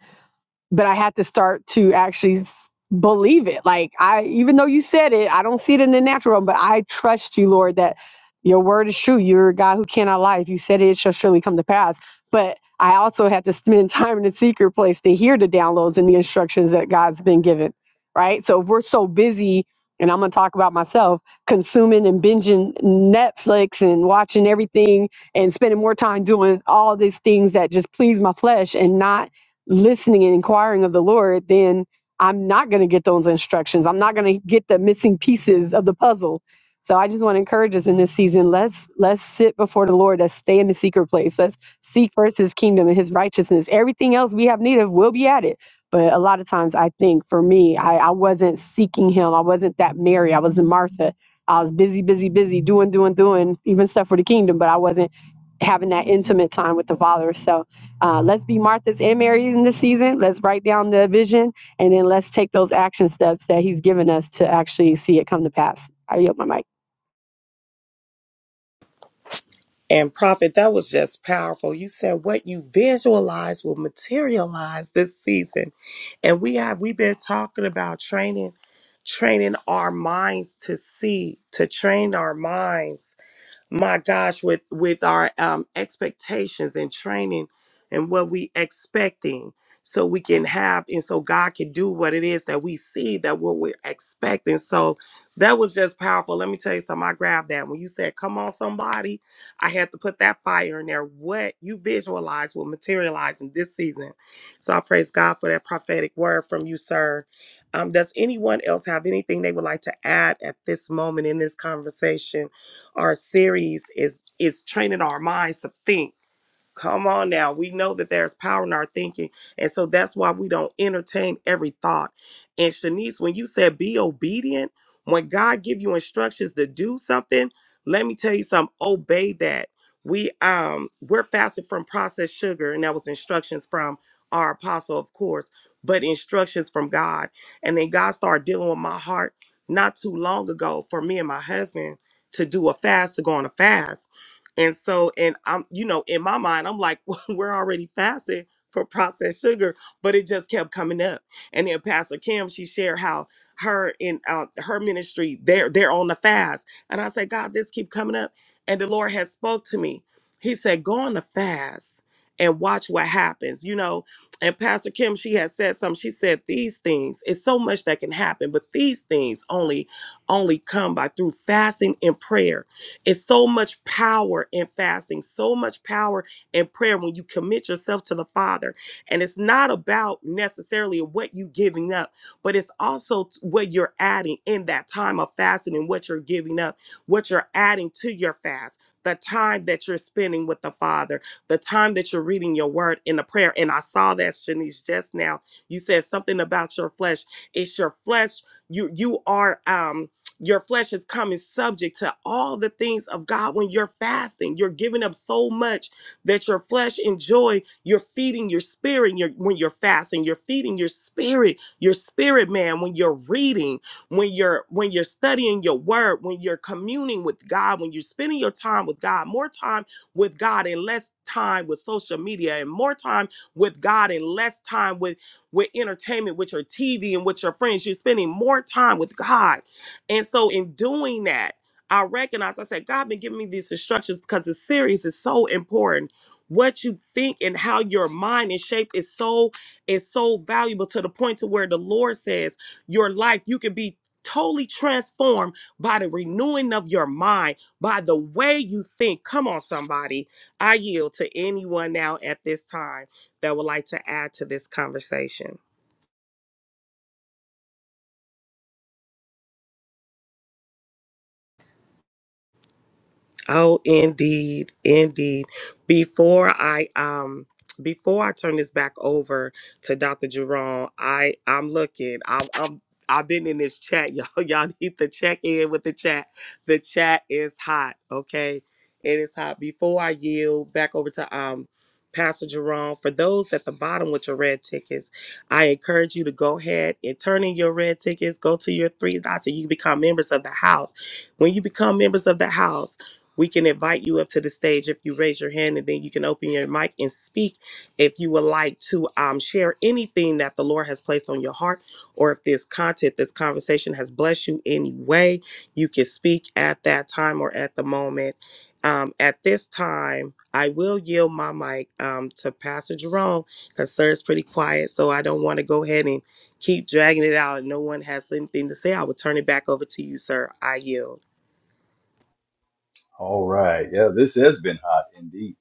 but I had to start to actually s- believe it. Like I, even though you said it, I don't see it in the natural realm, but I trust you, Lord, that your word is true. You're a God who cannot lie. If you said it, it shall surely come to pass. But I also had to spend time in the secret place to hear the downloads and the instructions that God's been given. Right. So if we're so busy, and I'm gonna talk about myself, consuming and binging Netflix and watching everything and spending more time doing all these things that just please my flesh and not listening and inquiring of the Lord, then I'm not going to get those instructions. I'm not going to get the missing pieces of the puzzle. So I just want to encourage us in this season. Let's let's sit before the Lord. Let's stay in the secret place. Let's seek first His kingdom and His righteousness. Everything else we have need of will be added. But a lot of times, I think for me, I, I wasn't seeking Him. I wasn't that Mary. I wasn't Martha. I was busy, busy, busy, doing, doing, doing, even stuff for the kingdom. But I wasn't having that intimate time with the Father. So uh, let's be Martha's and Mary's in this season. Let's write down the vision and then let's take those action steps that He's given us to actually see it come to pass. I yield my mic. And Prophet, that was just powerful. You said what you visualize will materialize this season. And we have we've been talking about training, training our minds to see, to train our minds my gosh, with with our um, expectations and training and what we expecting, so we can have and so God can do what it is that we see that what we're expecting. So that was just powerful. Let me tell you something. I grabbed that when you said, "Come on, somebody." I had to put that fire in there. What you visualize will materialize in this season. So I praise God for that prophetic word from you, sir. Um, does anyone else have anything they would like to add at this moment in this conversation? Our series is is training our minds to think Come on now. We know that there's power in our thinking. And so that's why we don't entertain every thought. And Shanice, when you said be obedient, when God give you instructions to do something, let me tell you something, obey that. We um we're fasted from processed sugar, and that was instructions from our apostle, of course, but instructions from God. And then God started dealing with my heart not too long ago for me and my husband to do a fast, to go on a fast. And so, and I'm, you know, in my mind, I'm like, well, we're already fasting for processed sugar, but it just kept coming up. And then Pastor Kim, she shared how her in uh, her ministry, they're they're on the fast. And I said, God, this keep coming up. And the Lord has spoke to me. He said, go on the fast and watch what happens. You know, and Pastor Kim, she had said something. She said, these things, it's so much that can happen, but these things only only come by through fasting and prayer it's so much power in fasting, so much power in prayer when you commit yourself to the Father. And it's not about necessarily what you giving up, but it's also t- what you're adding in that time of fasting and what you're giving up, what you're adding to your fast, the time that you're spending with the Father, the time that you're reading your word in the prayer. And I saw that, Shanice, just now. You said something about your flesh. It's your flesh. You you are um your flesh is coming subject to all the things of God when you're fasting. You're giving up so much that your flesh enjoy. You're feeding your spirit you're, when you're fasting. You're feeding your spirit, your spirit man when you're reading, when you're when you're studying your word, when you're communing with God, when you're spending your time with God, more time with God and less time with social media and more time with God and less time with with entertainment, with your TV and with your friends. You're spending more time with God and so in doing that, I recognize I said, God been giving me these instructions because the series is so important. What you think and how your mind is shaped is so is so valuable to the point to where the Lord says your life, you can be totally transformed by the renewing of your mind, by the way you think. Come on, somebody. I yield to anyone now at this time that would like to add to this conversation. Oh, indeed, indeed. Before I um before I turn this back over to Dr. Jerome, I I'm looking. I'm I'm I've been in this chat, y'all. Y'all need to check in with the chat. The chat is hot, okay? It is hot. Before I yield back over to um Pastor Jerome, for those at the bottom with your red tickets, I encourage you to go ahead and turn in your red tickets. Go to your three dots and you can become members of the house. When you become members of the house, we can invite you up to the stage if you raise your hand, and then you can open your mic and speak if you would like to um, share anything that the Lord has placed on your heart, or if this content, this conversation has blessed you any way. You can speak at that time or at the moment. Um, at this time, I will yield my mic um, to Pastor Jerome because sir is pretty quiet, so I don't want to go ahead and keep dragging it out and no one has anything to say, I will turn it back over to you, sir. I yield. All right. Yeah, this has been hot indeed.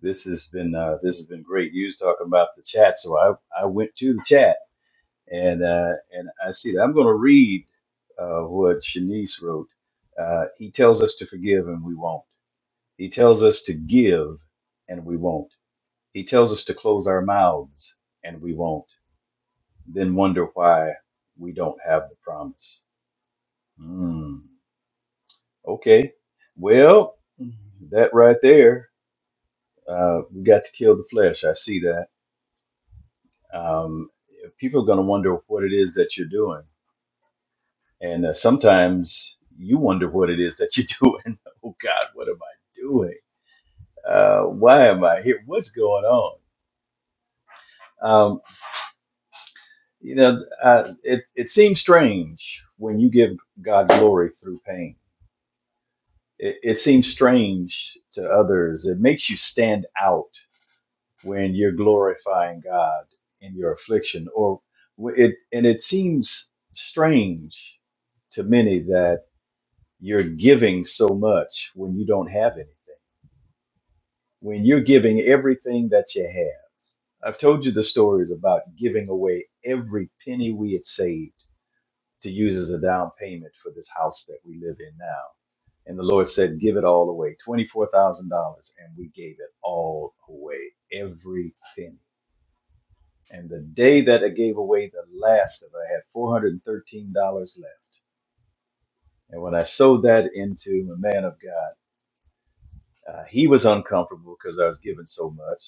This has been uh, this has been great. You was talking about the chat, so I I went to the chat and uh, and I see that. I'm going to read uh, what Shanice wrote. Uh, he tells us to forgive and we won't. He tells us to give and we won't. He tells us to close our mouths and we won't. Then wonder why we don't have the promise. Hmm. okay. Well, that right there, uh, we got to kill the flesh. I see that. Um, people are going to wonder what it is that you're doing And uh, sometimes you wonder what it is that you're doing. oh God, what am I doing? Uh, why am I here? What's going on? Um, you know, uh, it it seems strange when you give God glory through pain. It, it seems strange to others. It makes you stand out when you're glorifying God in your affliction, or w- it and it seems strange to many that you're giving so much when you don't have anything when you're giving everything that you have. I've told you the stories about giving away every penny we had saved to use as a down payment for this house that we live in now. And the Lord said, Give it all away $24,000. And we gave it all away, every penny. And the day that I gave away the last of it, I had $413 left. And when I sowed that into a man of God, uh, he was uncomfortable because I was giving so much.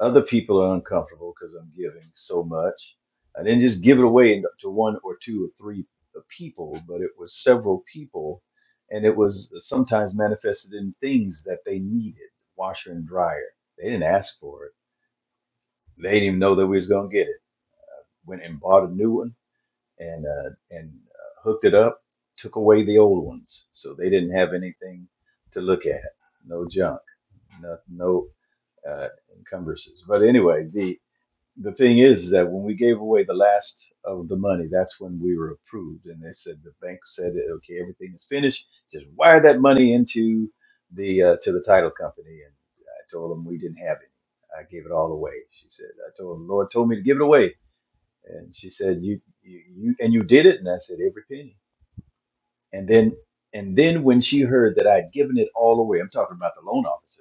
Other people are uncomfortable because I'm giving so much. I didn't just give it away to one or two or three people, but it was several people, and it was sometimes manifested in things that they needed, washer and dryer. They didn't ask for it. They didn't even know that we was gonna get it. Went and bought a new one and uh, and uh, hooked it up. Took away the old ones, so they didn't have anything to look at. No junk, no, no uh, encumbrances. But anyway, the the thing is that when we gave away the last of the money, that's when we were approved. And they said the bank said, that, okay, everything is finished. Just wire that money into the uh, to the title company. And I told them we didn't have any. I gave it all away. She said, I told the Lord told me to give it away. And she said, you, you, you and you did it. And I said, every penny. And then and then when she heard that I'd given it all away, I'm talking about the loan officer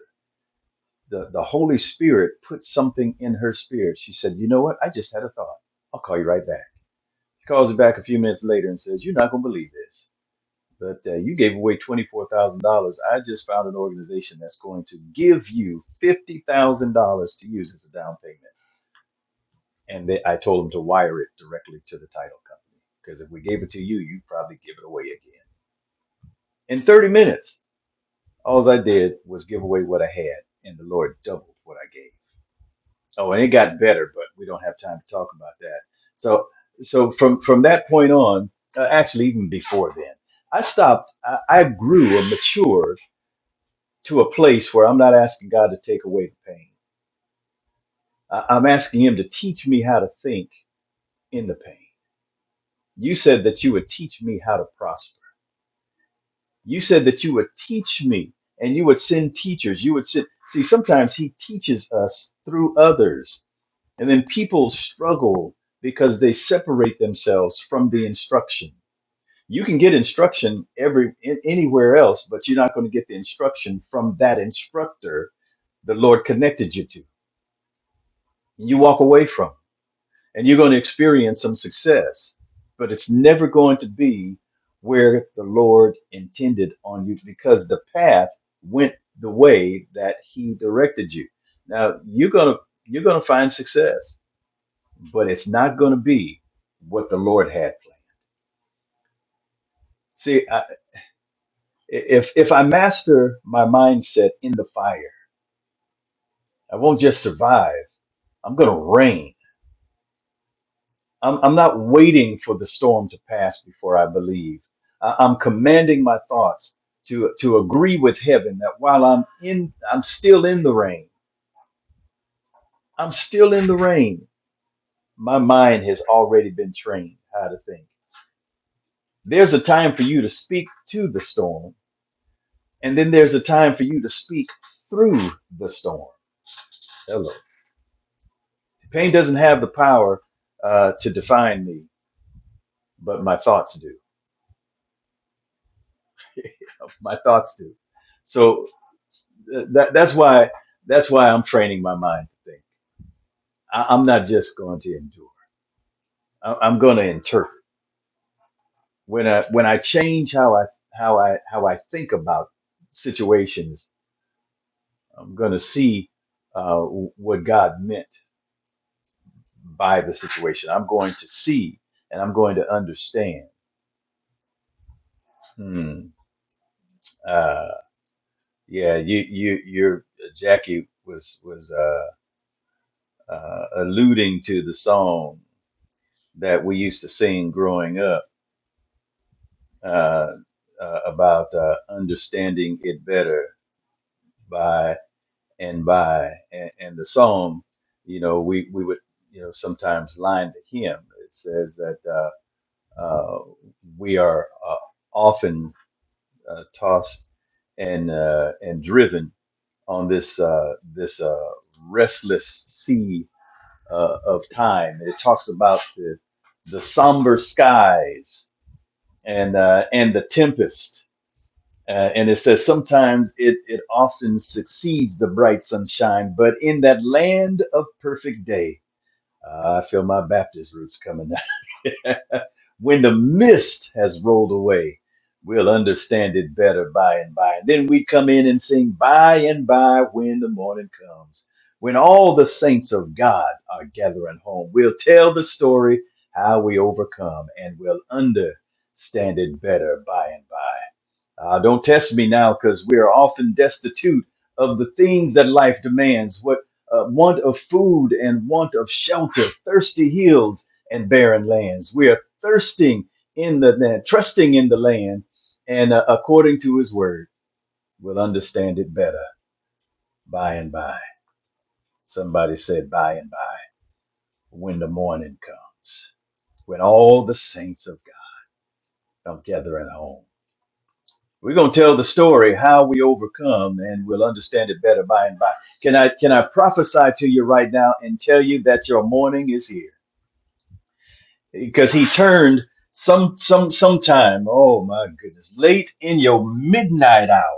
the, the Holy Spirit put something in her spirit. She said, You know what? I just had a thought. I'll call you right back. She calls her back a few minutes later and says, You're not going to believe this, but uh, you gave away $24,000. I just found an organization that's going to give you $50,000 to use as a down payment. And they, I told them to wire it directly to the title company because if we gave it to you, you'd probably give it away again. In 30 minutes, all I did was give away what I had, and the Lord doubled what I gave. Oh, and it got better, but we don't have time to talk about that. So, so from from that point on, uh, actually even before then, I stopped. I, I grew and matured to a place where I'm not asking God to take away the pain. I, I'm asking Him to teach me how to think in the pain. You said that you would teach me how to prosper. You said that you would teach me, and you would send teachers. You would send. See, sometimes He teaches us through others And then people struggle because they separate themselves from the instruction. You can get instruction every in, anywhere else, but you're not going to get the instruction from that instructor the Lord connected you to. You walk away from, and you're going to experience some success, but it's never going to be where the Lord intended on you because the path went the way that He directed you. Now you're gonna you're gonna find success but it's not going to be what the Lord had planned. See, I, if if I master my mindset in the fire, I won't just survive. I'm going to reign. I'm, I'm not waiting for the storm to pass before I believe. I, I'm commanding my thoughts to to agree with heaven that while I'm in, I'm still in the rain. I'm still in the rain. My mind has already been trained how to think. There's a time for you to speak to the storm And then there's a time for you to speak through the storm. Hello. Pain doesn't have the power uh, to define me, but my thoughts do. My thoughts do. So uh, that, that's why that's why I'm training my mind to think. I, I'm not just going to endure. I, I'm going to interpret. When I when I change how I how I how I think about situations, I'm going to see uh, what God meant by the situation. I'm going to see and I'm going to understand Hmm. Uh, yeah, you, you, you're Jackie was was uh, uh, alluding to the song that we used to sing growing up uh, uh, about uh, understanding it better by and by, and, and the song, you know, we we would you know sometimes line the hymn. It says that uh, uh, we are uh, often uh, tossed and uh, and driven on this uh, this uh, restless sea uh, of time. It talks about the the somber skies and uh, and the tempest, uh, and it says sometimes it it often succeeds the bright sunshine, but in that land of perfect day. Uh, I feel my Baptist roots coming out. when the mist has rolled away, we'll understand it better by and by. And then we come in and sing by and by when the morning comes. When all the saints of God are gathering home, we'll tell the story how we overcome and we'll understand it better by and by. Uh, don't test me now because we are often destitute of the things that life demands what uh, want of food and want of shelter, thirsty hills and barren lands. We are thirsting in the land, trusting in the land, and uh, according to his word, we'll understand it better by and by. Somebody said, by and by, when the morning comes, when all the saints of God come gathering home We're going to tell the story how we overcome, and we'll understand it better by and by. Can I can I prophesy to you right now and tell you that your morning is here because He turned some some sometime. Oh my goodness, late in your midnight hour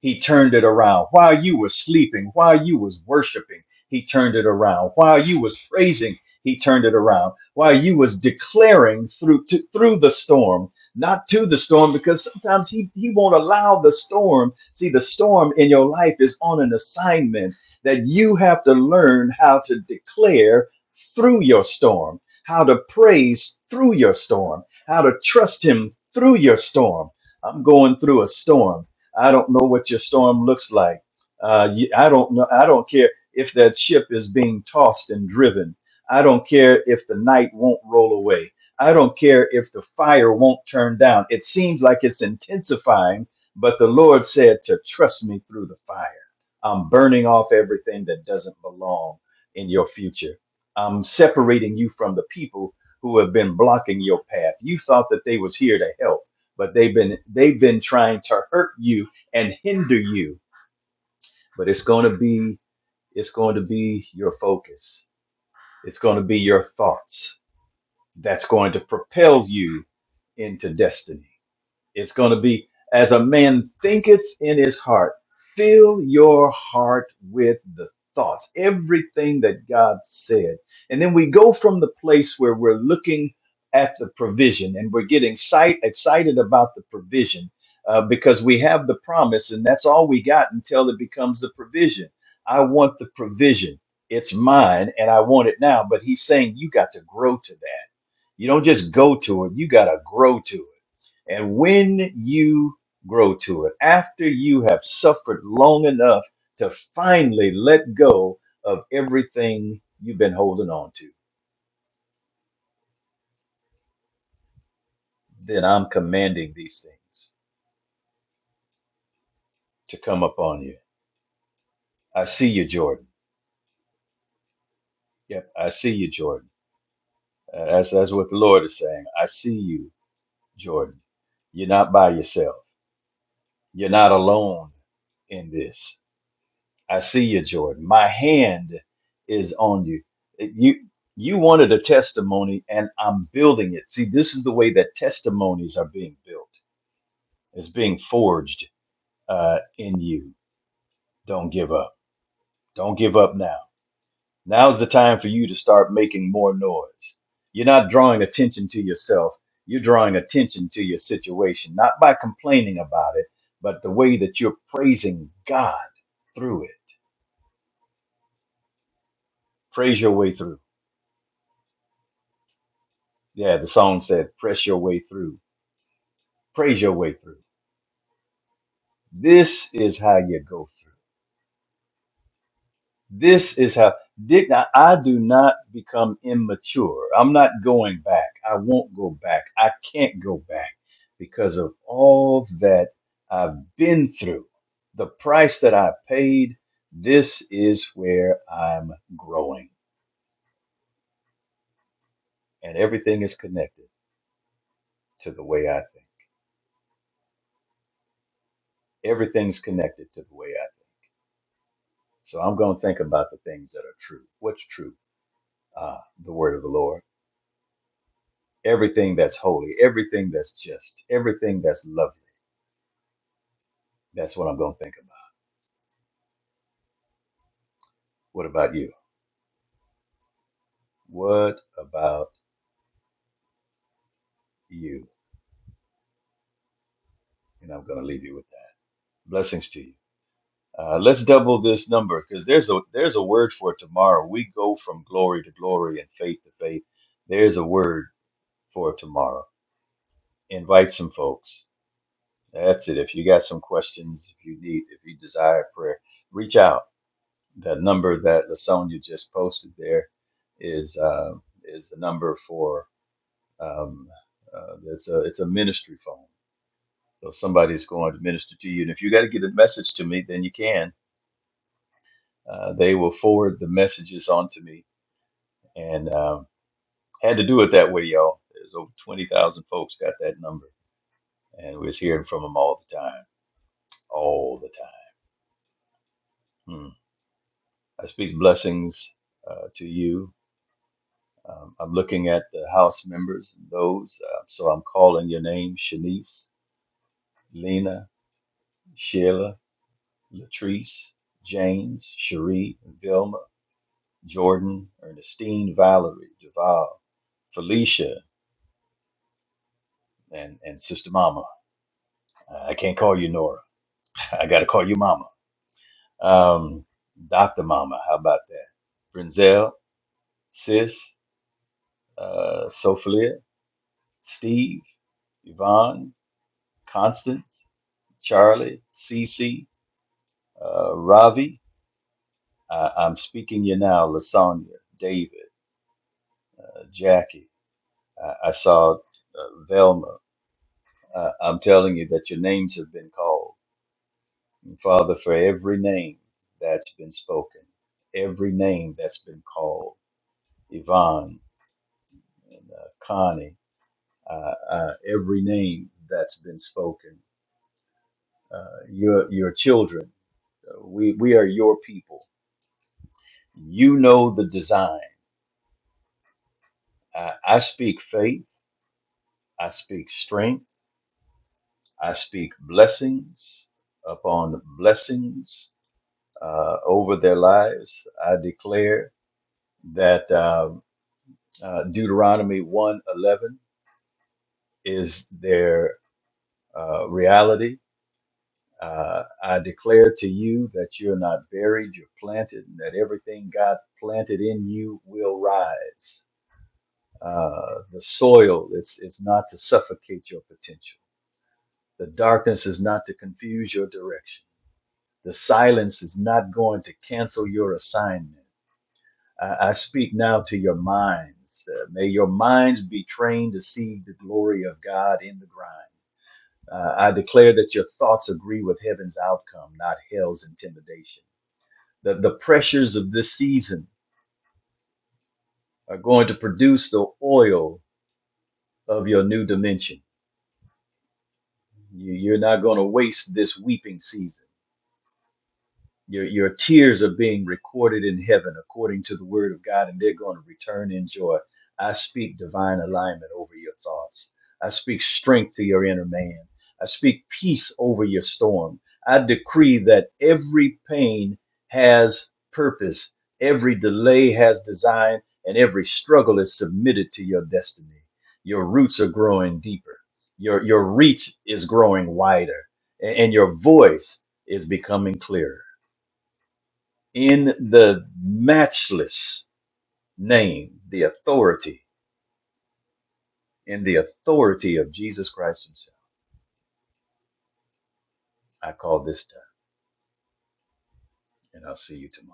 he turned it around while you were sleeping while you was worshiping he turned it around while you was praising he turned it around while you was declaring through to, through the storm not to the storm because sometimes he, he won't allow the storm see the storm in your life is on an assignment that you have to learn how to declare through your storm how to praise through your storm how to trust him through your storm i'm going through a storm I don't know what your storm looks like. Uh, you- I don't know. I don't care if that ship is being tossed and driven. I don't care if the night won't roll away. I don't care if the fire won't turn down. It seems like it's intensifying, but the Lord said to trust me through the fire. I'm burning off everything that doesn't belong in your future. I'm separating you from the people who have been blocking your path. You thought that they was here to help, but they've been they've been trying to hurt you and hinder you. But it's going to be it's going to be your focus. It's going to be your thoughts that's going to propel you into destiny. It's going to be as a man thinketh in his heart. Fill your heart with the thoughts, everything that God said. And then we go from the place where we're looking at the provision and we're getting sight, excited about the provision uh, because we have the promise and that's all we got until it becomes the provision. I want the provision. It's mine and I want it now. But he's saying you got to grow to that. You don't just go to it, you got to grow to it. And when you grow to it, after you have suffered long enough to finally let go of everything you've been holding on to, then I'm commanding these things to come upon you. I see you, Jordan. Yep, I see you, Jordan. Uh, That's, that's what the Lord is saying. I see you, Jordan. You're not by yourself, you're not alone in this. I see you, Jordan. My hand is on you. You you wanted a testimony, and I'm building it. See, this is the way that testimonies are being built. It's being forged uh, in you. Don't give up. Don't give up now. Now's the time for you to start making more noise. You're not drawing attention to yourself. You're drawing attention to your situation, not by complaining about it, but the way that you're praising God through it. Praise your way through. Yeah, the song said, press your way through, praise your way through. This is how you go through. This is how, did, I, I do not become immature. I'm not going back. I won't go back. I can't go back because of all that I've been through, the price that I paid. This is where I'm growing. And everything is connected to the way I think. Everything's connected to the way I think. So I'm going to think about the things that are true. What's true? uh, the word of the Lord, everything that's holy, everything that's just, everything that's lovely. That's what I'm going to think about. What about you? What about you? And I'm going to leave you with that. Blessings to you. Uh, let's double this number because there's a there's a word for it tomorrow. We go from glory to glory and faith to faith. There's a word for tomorrow. Invite some folks. That's it. If you got some questions, if you need, if you desire prayer, reach out the number that Lasonia just posted there is uh, is the number for um, uh, it's a it's a ministry phone. So somebody's going to minister to you, and if you got to get a message to me, then you can. Uh, they will forward the messages on to me, and um, had to do it that way, y'all. There's over twenty thousand folks got that number, and we're hearing from them all the time, all the time. Hmm. I speak blessings uh, to you Um, I'm looking at the House members, and those. Uh, so I'm calling your name Shanice, Lena, Sheila, Latrice, James, Cherie, Vilma, Jordan, Ernestine, Valerie, Javal, Felicia, and, and Sister Mama. Uh, I can't call you Nora. I got to call you Mama. Um, Dr. Mama, how about that? Brinzel, Sis, uh, Sophalia, Steve, Yvonne, Constance, Charlie, Cece, Uh, Ravi, I, I'm speaking you now. Lasagna, David, uh, Jackie. I, I saw uh, Velma. Uh, I'm telling you that your names have been called. And Father, for every name that's been spoken, every name that's been called, Yvonne and uh, Connie, uh, uh, every name that's been spoken, uh, your your children, uh, we we are your people. You know the design. I, I speak faith. I speak strength. I speak blessings upon blessings uh, over their lives. I declare that uh, uh, Deuteronomy 1:11 is their uh, reality. Uh, I declare to you that you're not buried, you're planted, and that everything God planted in you will rise. Uh, the soil is, is not to suffocate your potential. The darkness is not to confuse your direction The silence is not going to cancel your assignment. I, I speak now to your minds. Uh, may your minds be trained to see the glory of God in the grind. Uh, I declare that your thoughts agree with heaven's outcome, not hell's intimidation. The, the pressures of this season are going to produce the oil of your new dimension. You, you're not going to waste this weeping season Your, your tears are being recorded in heaven according to the word of God, and they're going to return in joy. I speak divine alignment over your thoughts. I speak strength to your inner man. I speak peace over your storm. I decree that every pain has purpose, every delay has design, and every struggle is submitted to your destiny. Your roots are growing deeper, your, your reach is growing wider, a- and your voice is becoming clearer in the matchless name, the authority, in the authority of Jesus Christ Himself. I call this done, and I'll see you tomorrow.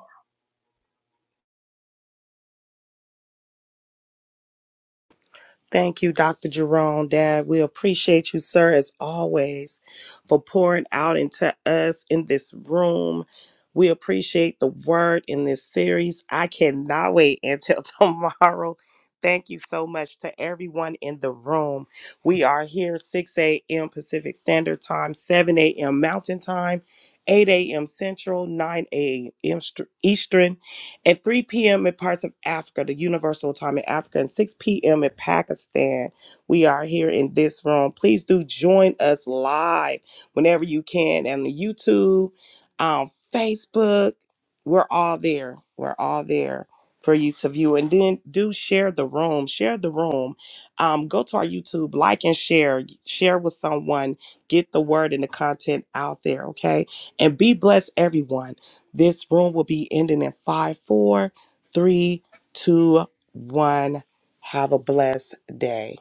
Thank you, Dr. Jerome, Dad. We appreciate you, sir, as always, for pouring out into us in this room. We appreciate the word in this series. I cannot wait until tomorrow. Thank you so much to everyone in the room. We are here 6 a.m. Pacific Standard Time, 7 a.m. Mountain Time, 8 a.m. Central, 9 a.m. Eastern. At 3 p.m. in parts of Africa, the Universal Time in Africa, and 6 p.m. in Pakistan, we are here in this room. Please do join us live whenever you can on the YouTube, on Facebook. We're all there. We're all there for you to view. And then do share the room. Share the room. Um, go to our YouTube, like and share. Share with someone. Get the word and the content out there, okay? And be blessed, everyone. This room will be ending in five, four, three, two, one. Have a blessed day.